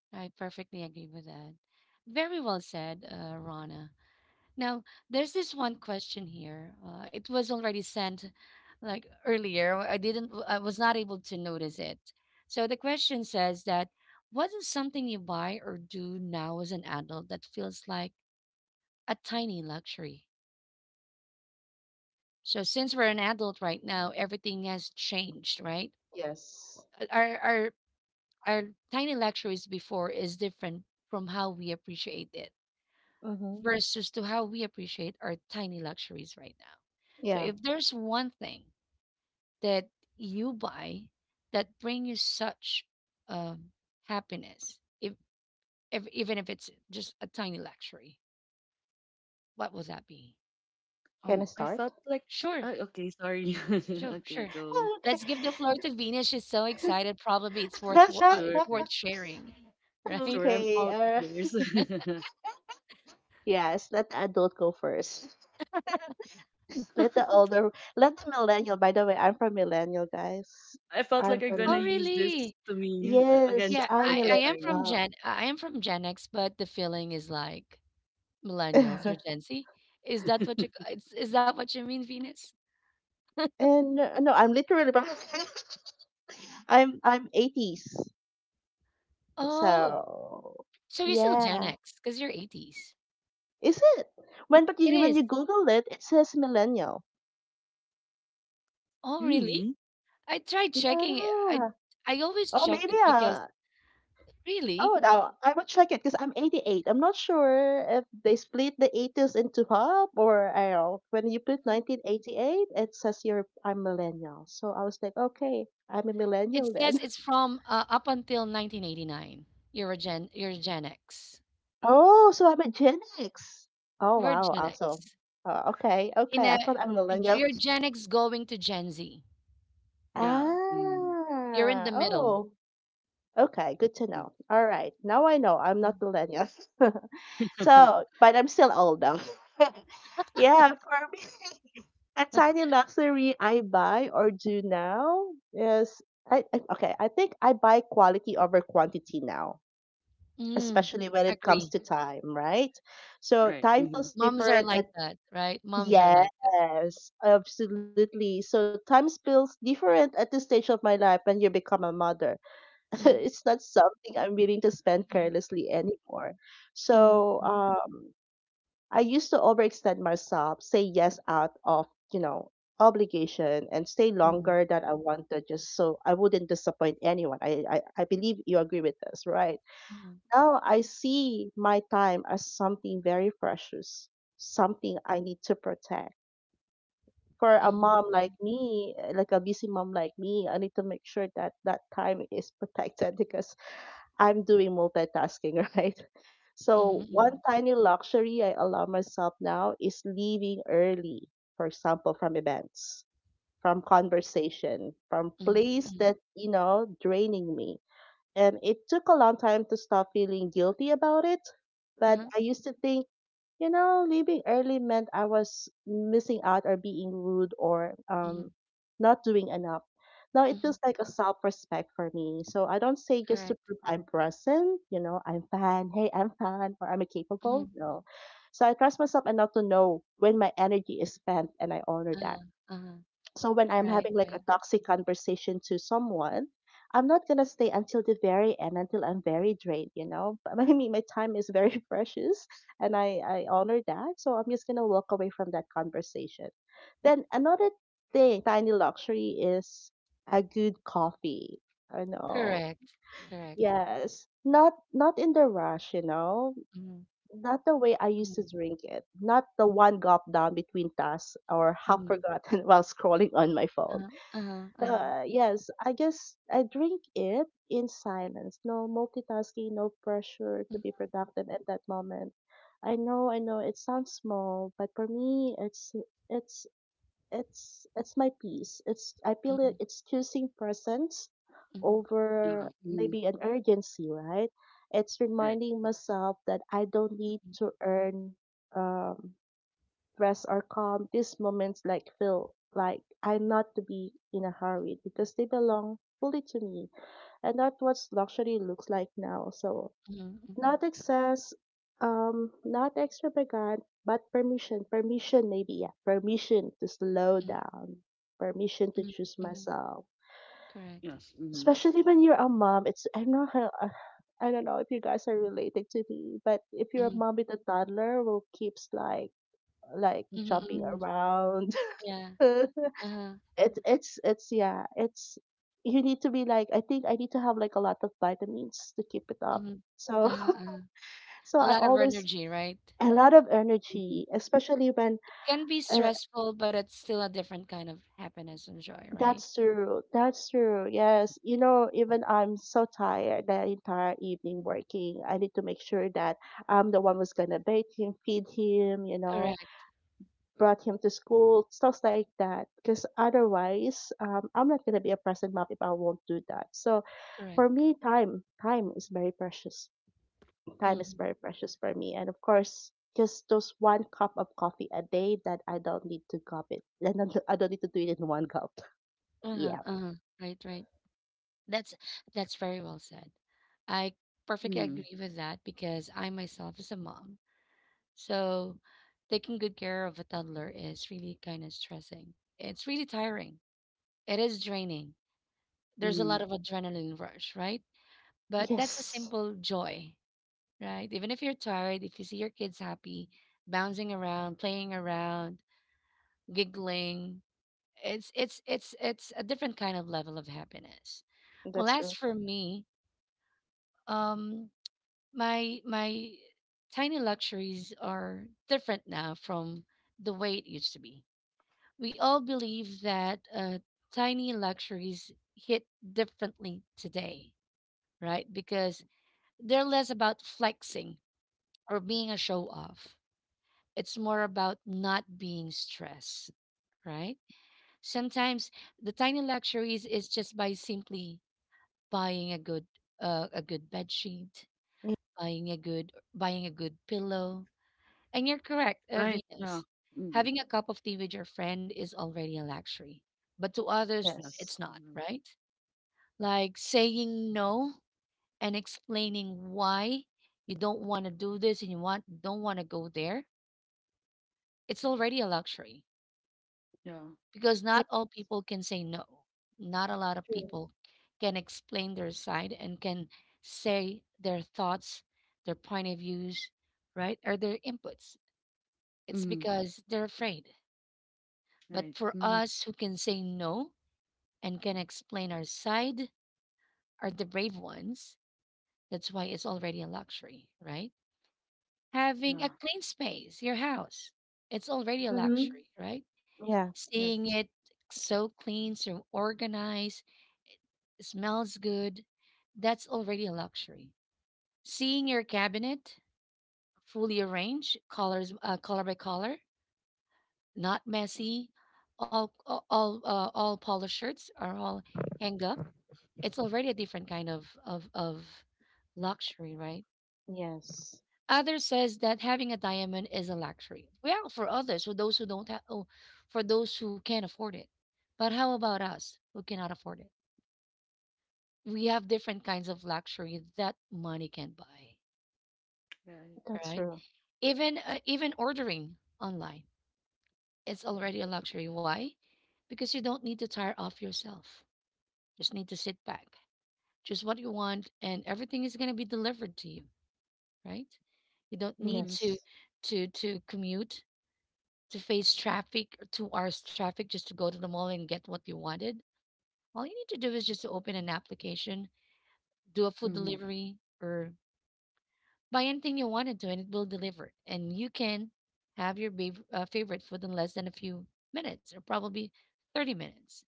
I perfectly agree with that. Very well said, Rana. Now, there's this one question here. It was already sent like earlier. I was not able to notice it. So the question says that what is something you buy or do now as an adult that feels like a tiny luxury? So since we're an adult right now, everything has changed, right?
Yes.
Our our our tiny luxuries before is different from how we appreciate it
Mhm.
versus to how we appreciate our tiny luxuries right now. So
Yeah.
if there's one thing that you buy that bring you such um, happiness, if even if it's just a tiny luxury, what would that be?
Can I
I
start?
felt like
Sure,
okay, sorry.
sure,
Okay,
sure.
go.
Okay.
Let's give the floor to Venus. She's so excited. Probably it's
Yeah, sure,
it's worth sharing, right?
sure. I'm
Okay.
all ears.
Yes. Let the adult go first. Let the older. Let the millennial. By the way, I'm from millennial, guys.
I felt like
I'm
I'm gonna
Oh,
from.
use this
really?
to me,
Yes,
against
Yeah,
me all
I'm
the time.
millennial.
I am from Gen X, but the feeling is like millennials or Gen Z? Is that what you is that what you mean, Venus?
and No, I'm literally from. I'm 80s.
Oh,
So
so you're still Gen
yeah,
X because you're 80s.
is it?
It
When
is.
you Google it, it says millennial.
Oh, really?
Really?
I tried checking it.
Yeah.
I always
Oh,
checked
maybe
it because really
oh, no, I will check it because I'm 88. I'm not sure if they split the 80s into half or I don't know. When you put
Mhm.
1988, it says you're I'm millennial. So I was like, okay, I'm a
It
millennial
says
then.
it's from up until 1989. You're Gen X.
Oh, so I'm a Gen X. Oh
We're
wow,
Gen
awesome.
X.
Oh, okay,
In
okay.
a
I thought I'm millennial.
you're Gen X going to Gen Z.
Yeah. Mm.
You're in the
Ah,
middle.
oh, Okay, good to
Mm.
know. All right. Now I know I'm
Mm,
not millennial. So, but I'm still old though. Yeah, for me, a tiny luxury I buy or do now is, I okay, I think I buy quality over quantity now,
Mm,
especially when it comes
agree.
to time, right? So,
Right.
time
Mm-hmm.
feels
Moms are
different
like
at,
that, right? Moms are like that.
yes, absolutely. So time feels different at this stage of my life, when you become a mother
Mhm,
it's not something I'm willing to spend
mhm.
carelessly anymore.
Mhm,
So
mhm,
I used to overextend myself, say yes out of, you know, obligation, and stay
mhm,
longer than I wanted, just so I wouldn't disappoint anyone. I believe you agree with this, right?
mhm,
Now I see my time as something very precious, something I need to protect. For a mom
mhm,
like me, like a busy mom like me, I need to make sure that that time is protected because I'm doing multitasking, right?
mhm, mhm,
So,
mhm,
one tiny luxury I allow myself now is leaving early, for example, from events, from conversation, from
mhm,
place
mhm,
that, you know, draining me. And it took a long time to stop feeling guilty about it. But
uh-huh,
I used to think, you know, leaving early meant I was missing out or being rude, or
mhm,
not doing enough. Now it
mhm,
feels like a self respect for me. So I don't say just
correct.
to prove I'm present, you know, I'm fine, hey, I'm fine, or I'm capable.
Mhm,
No. So I trust myself enough to know when my energy is spent and I honor that.
uh-huh, uh-huh,
So when I'm
right,
having like a
right.
toxic conversation to someone, I'm not gonna stay until the very end until I'm very drained, you know. I mean, my time is very precious, and I honor that. So I'm just gonna walk away from that conversation. Then another thing, tiny luxury is a good coffee. I know.
Correct, correct.
Yes, not not in the rush, you know.
Mhm,
Not the way I used to
mhm,
drink it. Not the one gulp down between tasks or half
mhm,
forgotten while scrolling on my phone.
uh-huh, uh-huh, uh-huh,
Yes, I guess I drink it in silence. No multitasking, no pressure to be productive at that moment. I know it sounds small, but for me it's it's my peace. It's, I feel it,
mhm,
it's choosing presence
mhm,
Yeah.
over
Mm-hmm.
maybe an urgency, right? It's
Right.
reminding myself that I don't need
mhm,
to earn um stress or calm, these moments like feel like I'm not to be in a hurry because they belong fully to me. And that's what luxury looks like now. So
mhm, mhm, mhm,
not excess, not extravagant, but permission. Permission maybe, yeah. Permission to slow
mhm,
down. Permission to
mhm,
choose
mhm,
myself.
correct.
Yes. Mm-hmm.
Especially when you're a mom, it's, I know how I don't know if you guys are related to me, but if you're a
Mhm,
mom with a toddler who keeps like,
mhm,
jumping
mhm,
around,
yeah,
it's
uh-huh,
it's it's yeah it's you need to be like, I need to have like a lot of vitamins to keep it up,
mhm,
so
uh-huh, uh-huh.
so
A
I
lot of
always,
energy, right?
a lot of
Mm-hmm.
energy, especially when,
Can be
uh,
stressful, but it's still a different kind of happiness and joy, right?
that's true, that's true. Yes, you know, even I'm so tired the entire evening working, I need to make sure that I'm the one who's gonna bathe him, feed him, you know,
Correct.
brought him to school, stuff like that, because otherwise I'm not gonna be a present mom if I won't do that. So
Correct.
for me, time is very precious. Time is
Mm-hmm.
very precious for me. And of course, just those one cup of coffee a day that I don't need to cup it and then I don't need to do it in one cup.
Uh-huh.
Yeah.
Uh-huh. Right, right. That's very well said. I perfectly
Mm.
agree with that because I myself is a mom. So taking good care of a toddler is really kind of stressing. It's really tiring. It is draining. There's a
Mm.
lot of adrenaline rush, right? But that's a
Yes,
simple joy, right? Even if you're tired, if you see your kids happy, bouncing around, playing around, giggling, it's it's a different kind of level of happiness. Well,
that's
as
true.
for me, um, my tiny luxuries are different now from the way it used to be. We all believe that tiny luxuries hit differently today, right? Because they're less about flexing or being a show off. It's more about not being stressed, right? Sometimes the tiny luxuries is just by simply buying a good bed sheet buying a good pillow. And you're correct,
Right. Yeah.
Venus.
Mm-hmm.
Having a cup of tea with your friend is already a luxury, but to others,
Yes.
it's
Yes.
not,
Mm-hmm.
right? Like saying no and explaining why you don't want to do this and you want don't want to go there. It's already a luxury
Yeah.
because
Yeah.
not all people can say no. Not a lot of
True.
people can explain their side and can say their thoughts, their point of views, right? Or their inputs. It's
Mm-hmm.
because they're afraid.
Right.
But for
Mm-hmm.
us who can say no and can explain our side are the brave ones. That's why it's already a luxury, right? Having
Yeah.
a clean space, your house, it's already a
Mm-hmm.
luxury, right?
Yeah.
Seeing
Yes.
it so clean, so organized, smells good, that's already a luxury. Seeing your cabinet fully arranged, colors, color by color, not messy. All polished shirts are all hang up. It's already a different kind of luxury, right?
Yes,
Others says that having a diamond is a luxury. Well, for others, for those who don't have, oh, for those who can't afford it. But how about us who cannot afford it? We have different kinds of luxury that money can buy,
Right.
that's
right?
true.
Even even ordering online, it's already a luxury. Why? Because you don't need to tire off yourself. Just need to sit back, choose what you want, and everything is gonna be delivered to you, right? You don't
Mm-hmm.
need
Yes.
to commute, to face traffic, or 2 hours traffic just to go to the mall and get what you wanted. All you need to do is just to open an application, do a food
Mm-hmm.
delivery, or buy anything you wanted to, and it will deliver. And you can have your favorite food in less than a few minutes, or probably 30 minutes.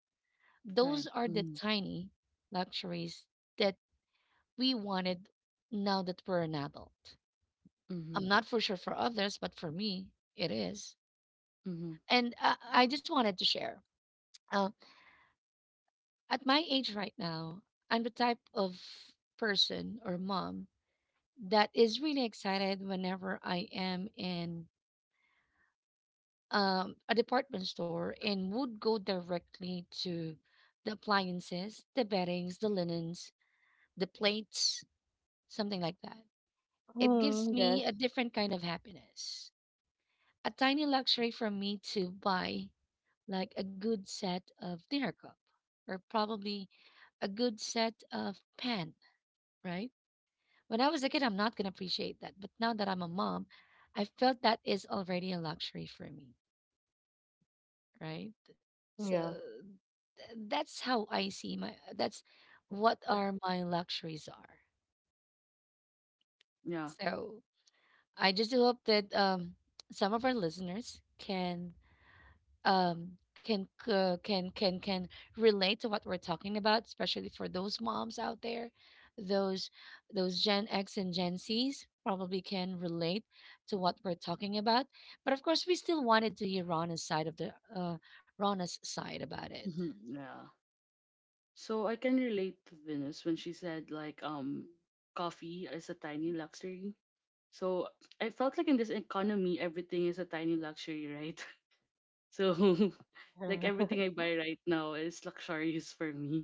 Right.
Those are the
Mm-hmm.
tiny luxuries that we wanted now that we're an adult.
Mm-hmm.
I'm not for sure for others, but for me, it is.
Mm-hmm.
And I just wanted to share. Uh, at my age right now, I'm the type of person or mom that is really excited whenever I am in a department store and would go directly to the appliances, the beddings, the linens, the plates, something like that. It
Mm,
gives me a
yes.
different kind of happiness, a tiny luxury for me to buy like a good set of dinner cup or probably a good set of pan, right? When I was a kid, I'm not going to appreciate that. But now that I'm a mom, I felt that is already a luxury for me, right? So
Yeah.
that's how I see my, that's what are my luxuries are.
Yeah.
So I just hope that some of our listeners can can relate to what we're talking about, especially for those moms out there, those those Gen X and Gen Z's probably can relate to what we're talking about, but of course we still wanted to hear Rana's side of the Rona's side about it.
Mm-hmm. Yeah. So I can relate to Venus when she said like coffee is a tiny luxury. So I felt like in this economy everything is a tiny luxury, right? So like everything I buy right now is luxurious for me.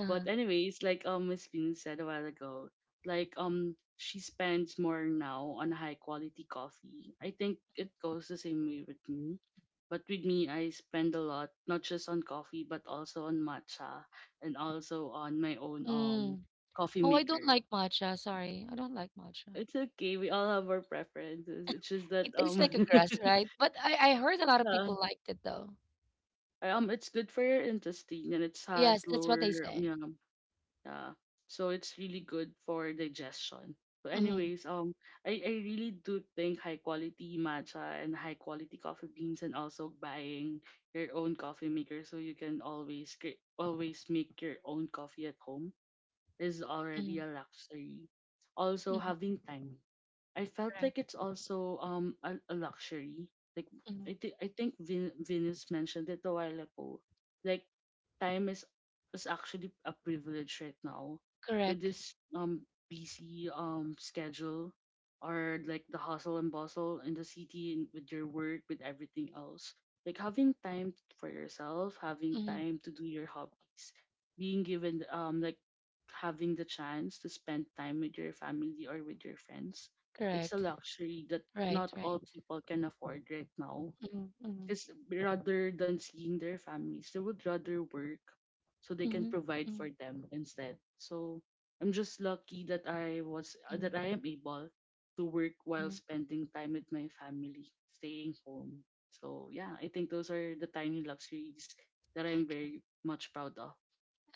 But anyways, like Miss Bean said a while ago, like she spends more now on high quality coffee. I think it goes the same way with me. But with me, I spend a lot not just on coffee but also on matcha and also on my own
Mm.
coffee
Oh, I don't
maker.
like matcha. Sorry, I don't like matcha.
It's okay. We all have our preferences. It's just that
It tastes like a grass, right? But I heard a lot of
yeah,
people liked it though.
it's good for your intestine and it has
Yes, that's what they
lower yeah.
say.
Yeah. So it's really good for digestion. But
Mm-hmm,
anyways, I really do think high quality matcha and high quality coffee beans and also buying your own coffee maker so you can always always make your own coffee at home is already a
mm-hmm,
luxury. Also
mm-hmm,
having time, I felt like
correct.
it's also a luxury. Like
Mm-hmm,
Venus mentioned it a while ago. Like time is actually a privilege right now with
correct.
this busy schedule or like the hustle and bustle in the city and with your work with everything else. Like having time for yourself, having time to do your hobbies, being given like having the chance to spend time with your family or with your friends, it's a
Correct.
luxury that not
Right,
all
right.
people can afford right now.
Mm-hmm, mm-hmm,
Because rather than seeing their families, they would rather work so they can
mm-hmm,
provide for them instead. So I'm just lucky that I was that
mm-hmm,
I am able to work while
mm-hmm.
spending time with my family, staying home. So yeah, I think those are the tiny luxuries that I'm
Okay.
very much proud of.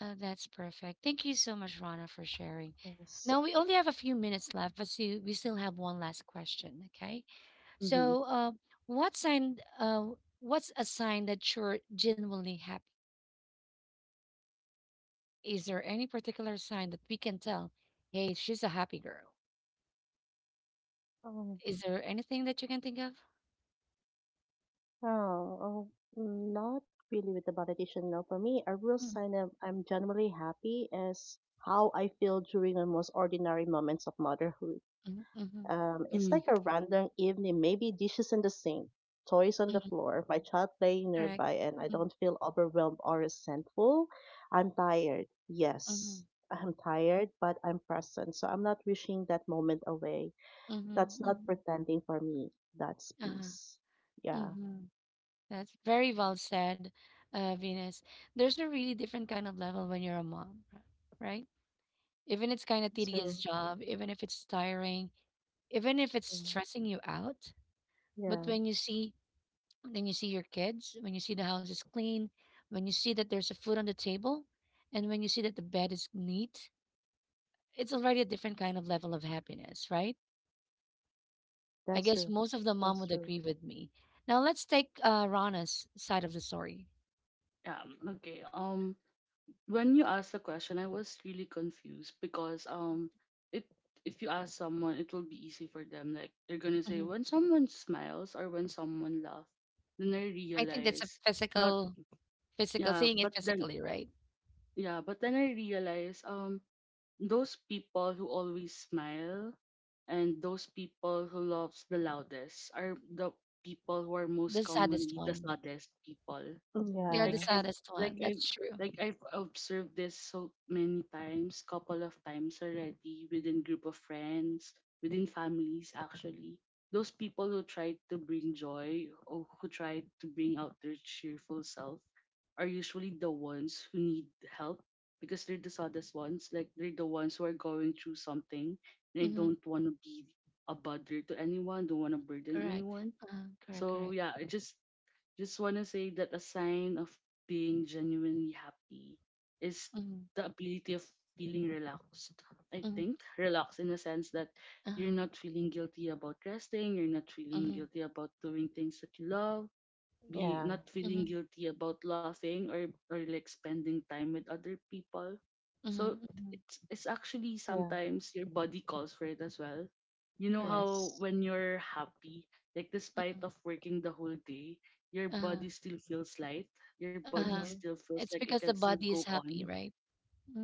Oh, that's perfect. Thank you so much, Rana, for sharing.
Yes.
Now we only have a few minutes left, but see, we still have one last question. Okay.
Mm-hmm.
So, what sign? What's a sign that you're genuinely happy? Is there any particular sign that we can tell? Hey, she's a happy girl.
Um,
Is there anything that you can think of?
oh, oh, not really with the validation. No, for me, a real
Mm-hmm,
sign of I'm generally happy is how I feel during the most ordinary moments of motherhood.
mm-hmm, mm-hmm.
It's
Mm,
like a random evening, maybe dishes in the sink, toys on the floor, my child playing
Correct.
nearby, and I
Mm-hmm,
don't feel overwhelmed or resentful. I'm tired.
mm-hmm,
Yes, I'm tired, but I'm present. So I'm not wishing that moment away.
mm-hmm.
That's not
Mm-hmm.
pretending for me. That's
Uh-huh.
peace. Yeah.
Mm-hmm. That's very well said, Venus. There's a really different kind of level when you're a mom, right? Even it's kind of
That's
tedious
true.
job, even if it's tiring, even if it's
Yeah.
stressing you out. But
Yeah.
when you see your kids, when you see the house is clean, when you see that there's a food on the table, and when you see that the bed is neat, it's already a different kind of level of happiness, right? I
That's
guess
true.
most of the mom
That's
would
true.
agree with me. Now let's take Rana's side of the story.
yeah. Okay. Um, when you asked the question, I was really confused because it if you ask someone, it will be easy for them. Like they're gonna say
Mm-hmm.
when someone smiles or when someone laughs. Then I
I think that's
realize
a
not,
physical
yeah,
physical seeing
but
it
then
physically, right?
yeah, but then I realize those people who always smile and those people who loves the loudest are the people who are most
The
commonly
saddest
the
one.
saddest people.
They are
like
the
Yeah.
I
saddest
like
one.
I
That's true.
like I've observed this so many times, couple of times already within group of friends, within families actually. Those people who try to bring joy or who try to bring out their cheerful self are usually the ones who need help because they're the saddest ones. Like they're the ones who are going through something and they don't
Mm-hmm.
want to be a bother to anyone, don't want to burden
Correct.
anyone.
Correct.
So
Correct.
yeah, I just want to say that a sign of being genuinely happy is
Mm-hmm.
the ability of feeling relaxed. I
Mm-hmm.
think relaxed in the sense that you're
Uh-huh.
not feeling guilty about resting, you're not feeling
Mm-hmm.
guilty about doing things that you love, be
Yeah.
not feeling
Mm-hmm.
guilty about laughing or like spending time with other people.
Mm-hmm.
So
Mm-hmm,
it's actually
Yeah.
sometimes your body calls for it as well. You know
correct.
how
Yes.
when you're happy, like despite of
Mm-hmm.
working the whole day, your body
Uh-huh.
still feels light. Your body
Uh-huh.
Mm-hmm.
still feels like
It's
it can
because the
still
body
go
is
on.
happy, right?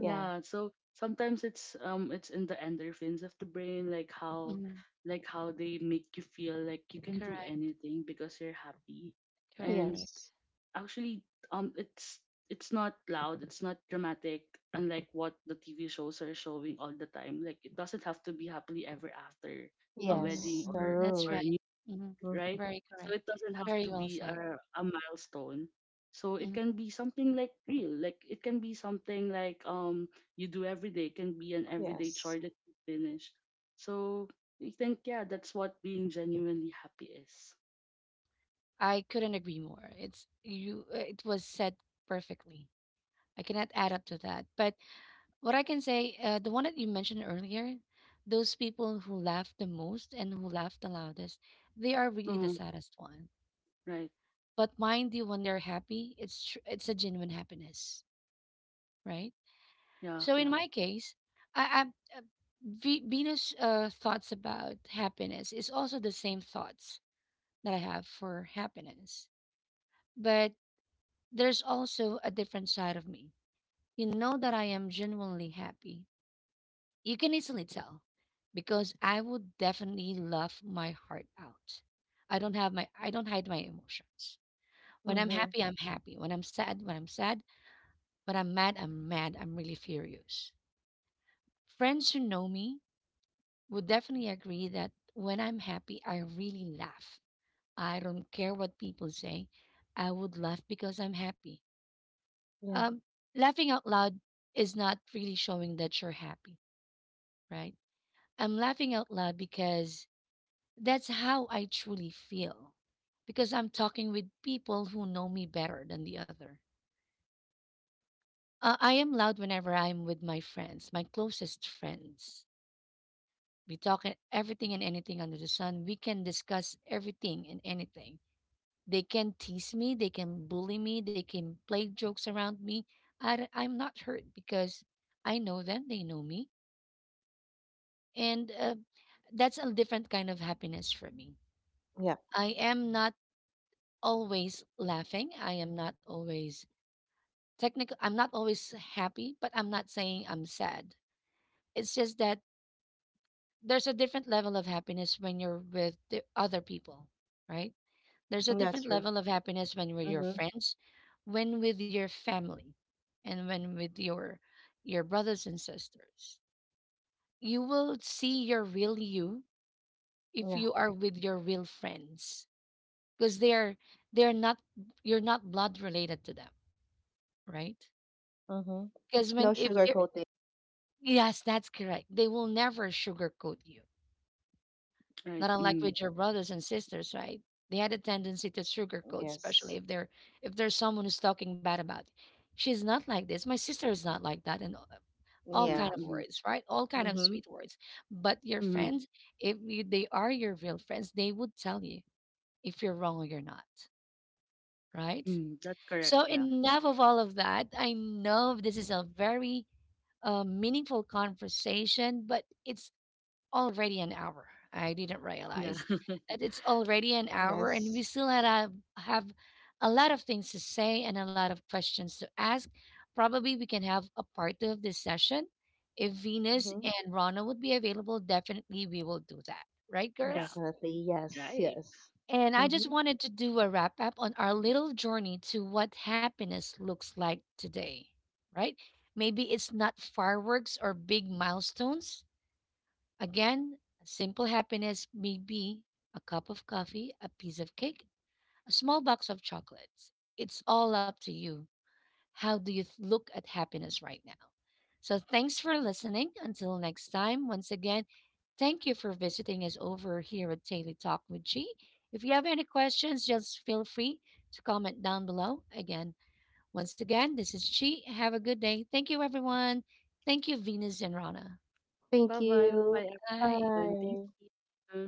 Mm,
so sometimes it's in the endorphins of the brain,
mm-hmm.
like how they make you feel like you can do
Correct.
anything because you're happy.
Correct.
And
Correct.
Yes.
actually it's not loud, it's not dramatic, unlike what the TV shows are showing all the time. Like it doesn't have to be happily ever after, a
Mm-hmm.
wedding
Yes. The
Mm-hmm,
or
that's
a
room.
new,
right. Mm-hmm.
Mm.
right?
Very
So
correct.
it doesn't have to
Very well
be
said.
a milestone, so it can
Mhm.
be something like real, like it can be something like you do every day, it can be an everyday chore
Yes.
that you finish. So I think yeah, that's what being genuinely happy is.
I couldn't agree more. It's you. It was said perfectly. I cannot add up to that. But what I can say, the one that you mentioned earlier, those people who laugh the most and who laugh the loudest, they are really
Oh,
the saddest one.
right.
But mind you, when they're happy, it's a genuine happiness, right?
Yeah,
So
yeah.
in my case, I, I uh, Venus thoughts about happiness is also the same thoughts that I have for happiness, but there's also a different side of me. You know that I am genuinely happy. You can easily tell because I would definitely laugh my heart out. I don't hide my emotions. When I'm
Mm-hmm.
happy, I'm happy. When I'm sad, when I'm sad. When I'm mad, I'm mad. I'm really furious. Friends who know me would definitely agree that when I'm happy, I really laugh. I don't care what people say. I would laugh because I'm happy.
Yeah.
Um, Laughing out loud is not really showing that you're happy, right? I'm laughing out loud because that's how I truly feel, because I'm talking with people who know me better than the other. I am loud whenever I'm with my friends, my closest friends. We talk everything and anything under the sun. We can discuss everything and anything. They can tease me, they can bully me, they can play jokes around me. I am not hurt because I know them, they know me. And that's a different kind of happiness for me.
Yeah.
I am not always laughing. I am not always technical. I'm not always happy, but I'm not saying I'm sad. It's just that there's a different level of happiness when you're with the other people, right? There's a
That's
different
true.
level of happiness when with your
Mm-hmm.
friends, when with your family, and when with your brothers and sisters. You will see your real you if
Yeah.
you are with your real friends, because they're not, you're not blood related to them, right?
Mm-hmm.
Because
No
when if
sugar
you're,
coating.
yes, that's correct. They will never sugarcoat you.
Right.
Not unlike
Mm.
with your brothers and sisters, right? They had a tendency to sugarcoat, especially
Yes.
if they're, if there's someone who's talking bad about you. She's not like this. My sister is not like that, and all
Right.
kind
Yeah.
of
Mm-hmm.
words, right? All kind of
Mm-hmm.
sweet words. But your
Mm-hmm.
friends, if you, they are your real friends, they would tell you if you're wrong or you're not, right?
Mm, that's correct.
So
Yeah.
enough of all of that. I know this is a meaningful conversation, but it's already an hour. I didn't
Yeah.
realize that it's already an hour, and we
Yes.
still have a lot of things to say and a lot of questions to ask. Probably we can have a part 2 of this session. If Venus
Mm-hmm.
and Rana would be available, definitely we will do that. Right,
Yeah.
girls?
Definitely. Yes.
Right.
Yes.
And I just
Mm-hmm.
wanted to do a wrap up on our little journey to what happiness looks like today, right? Maybe it's not fireworks or big milestones. Again, simple happiness may be a cup of coffee, a piece of cake, a small box of chocolates. It's all up to you. How do you look at happiness right now? So, thanks for listening. Until next time, once again, thank you for visiting us over here at Daily Talk with G. If you have any questions, just feel free to comment down below. Again, once again, this is Chi. Have a good day. Thank you, everyone. Thank you, Venus and Rana.
Bye
Thank
bye. Bye bye,
you.
Bye.
everyone. Thank
Bye.
you.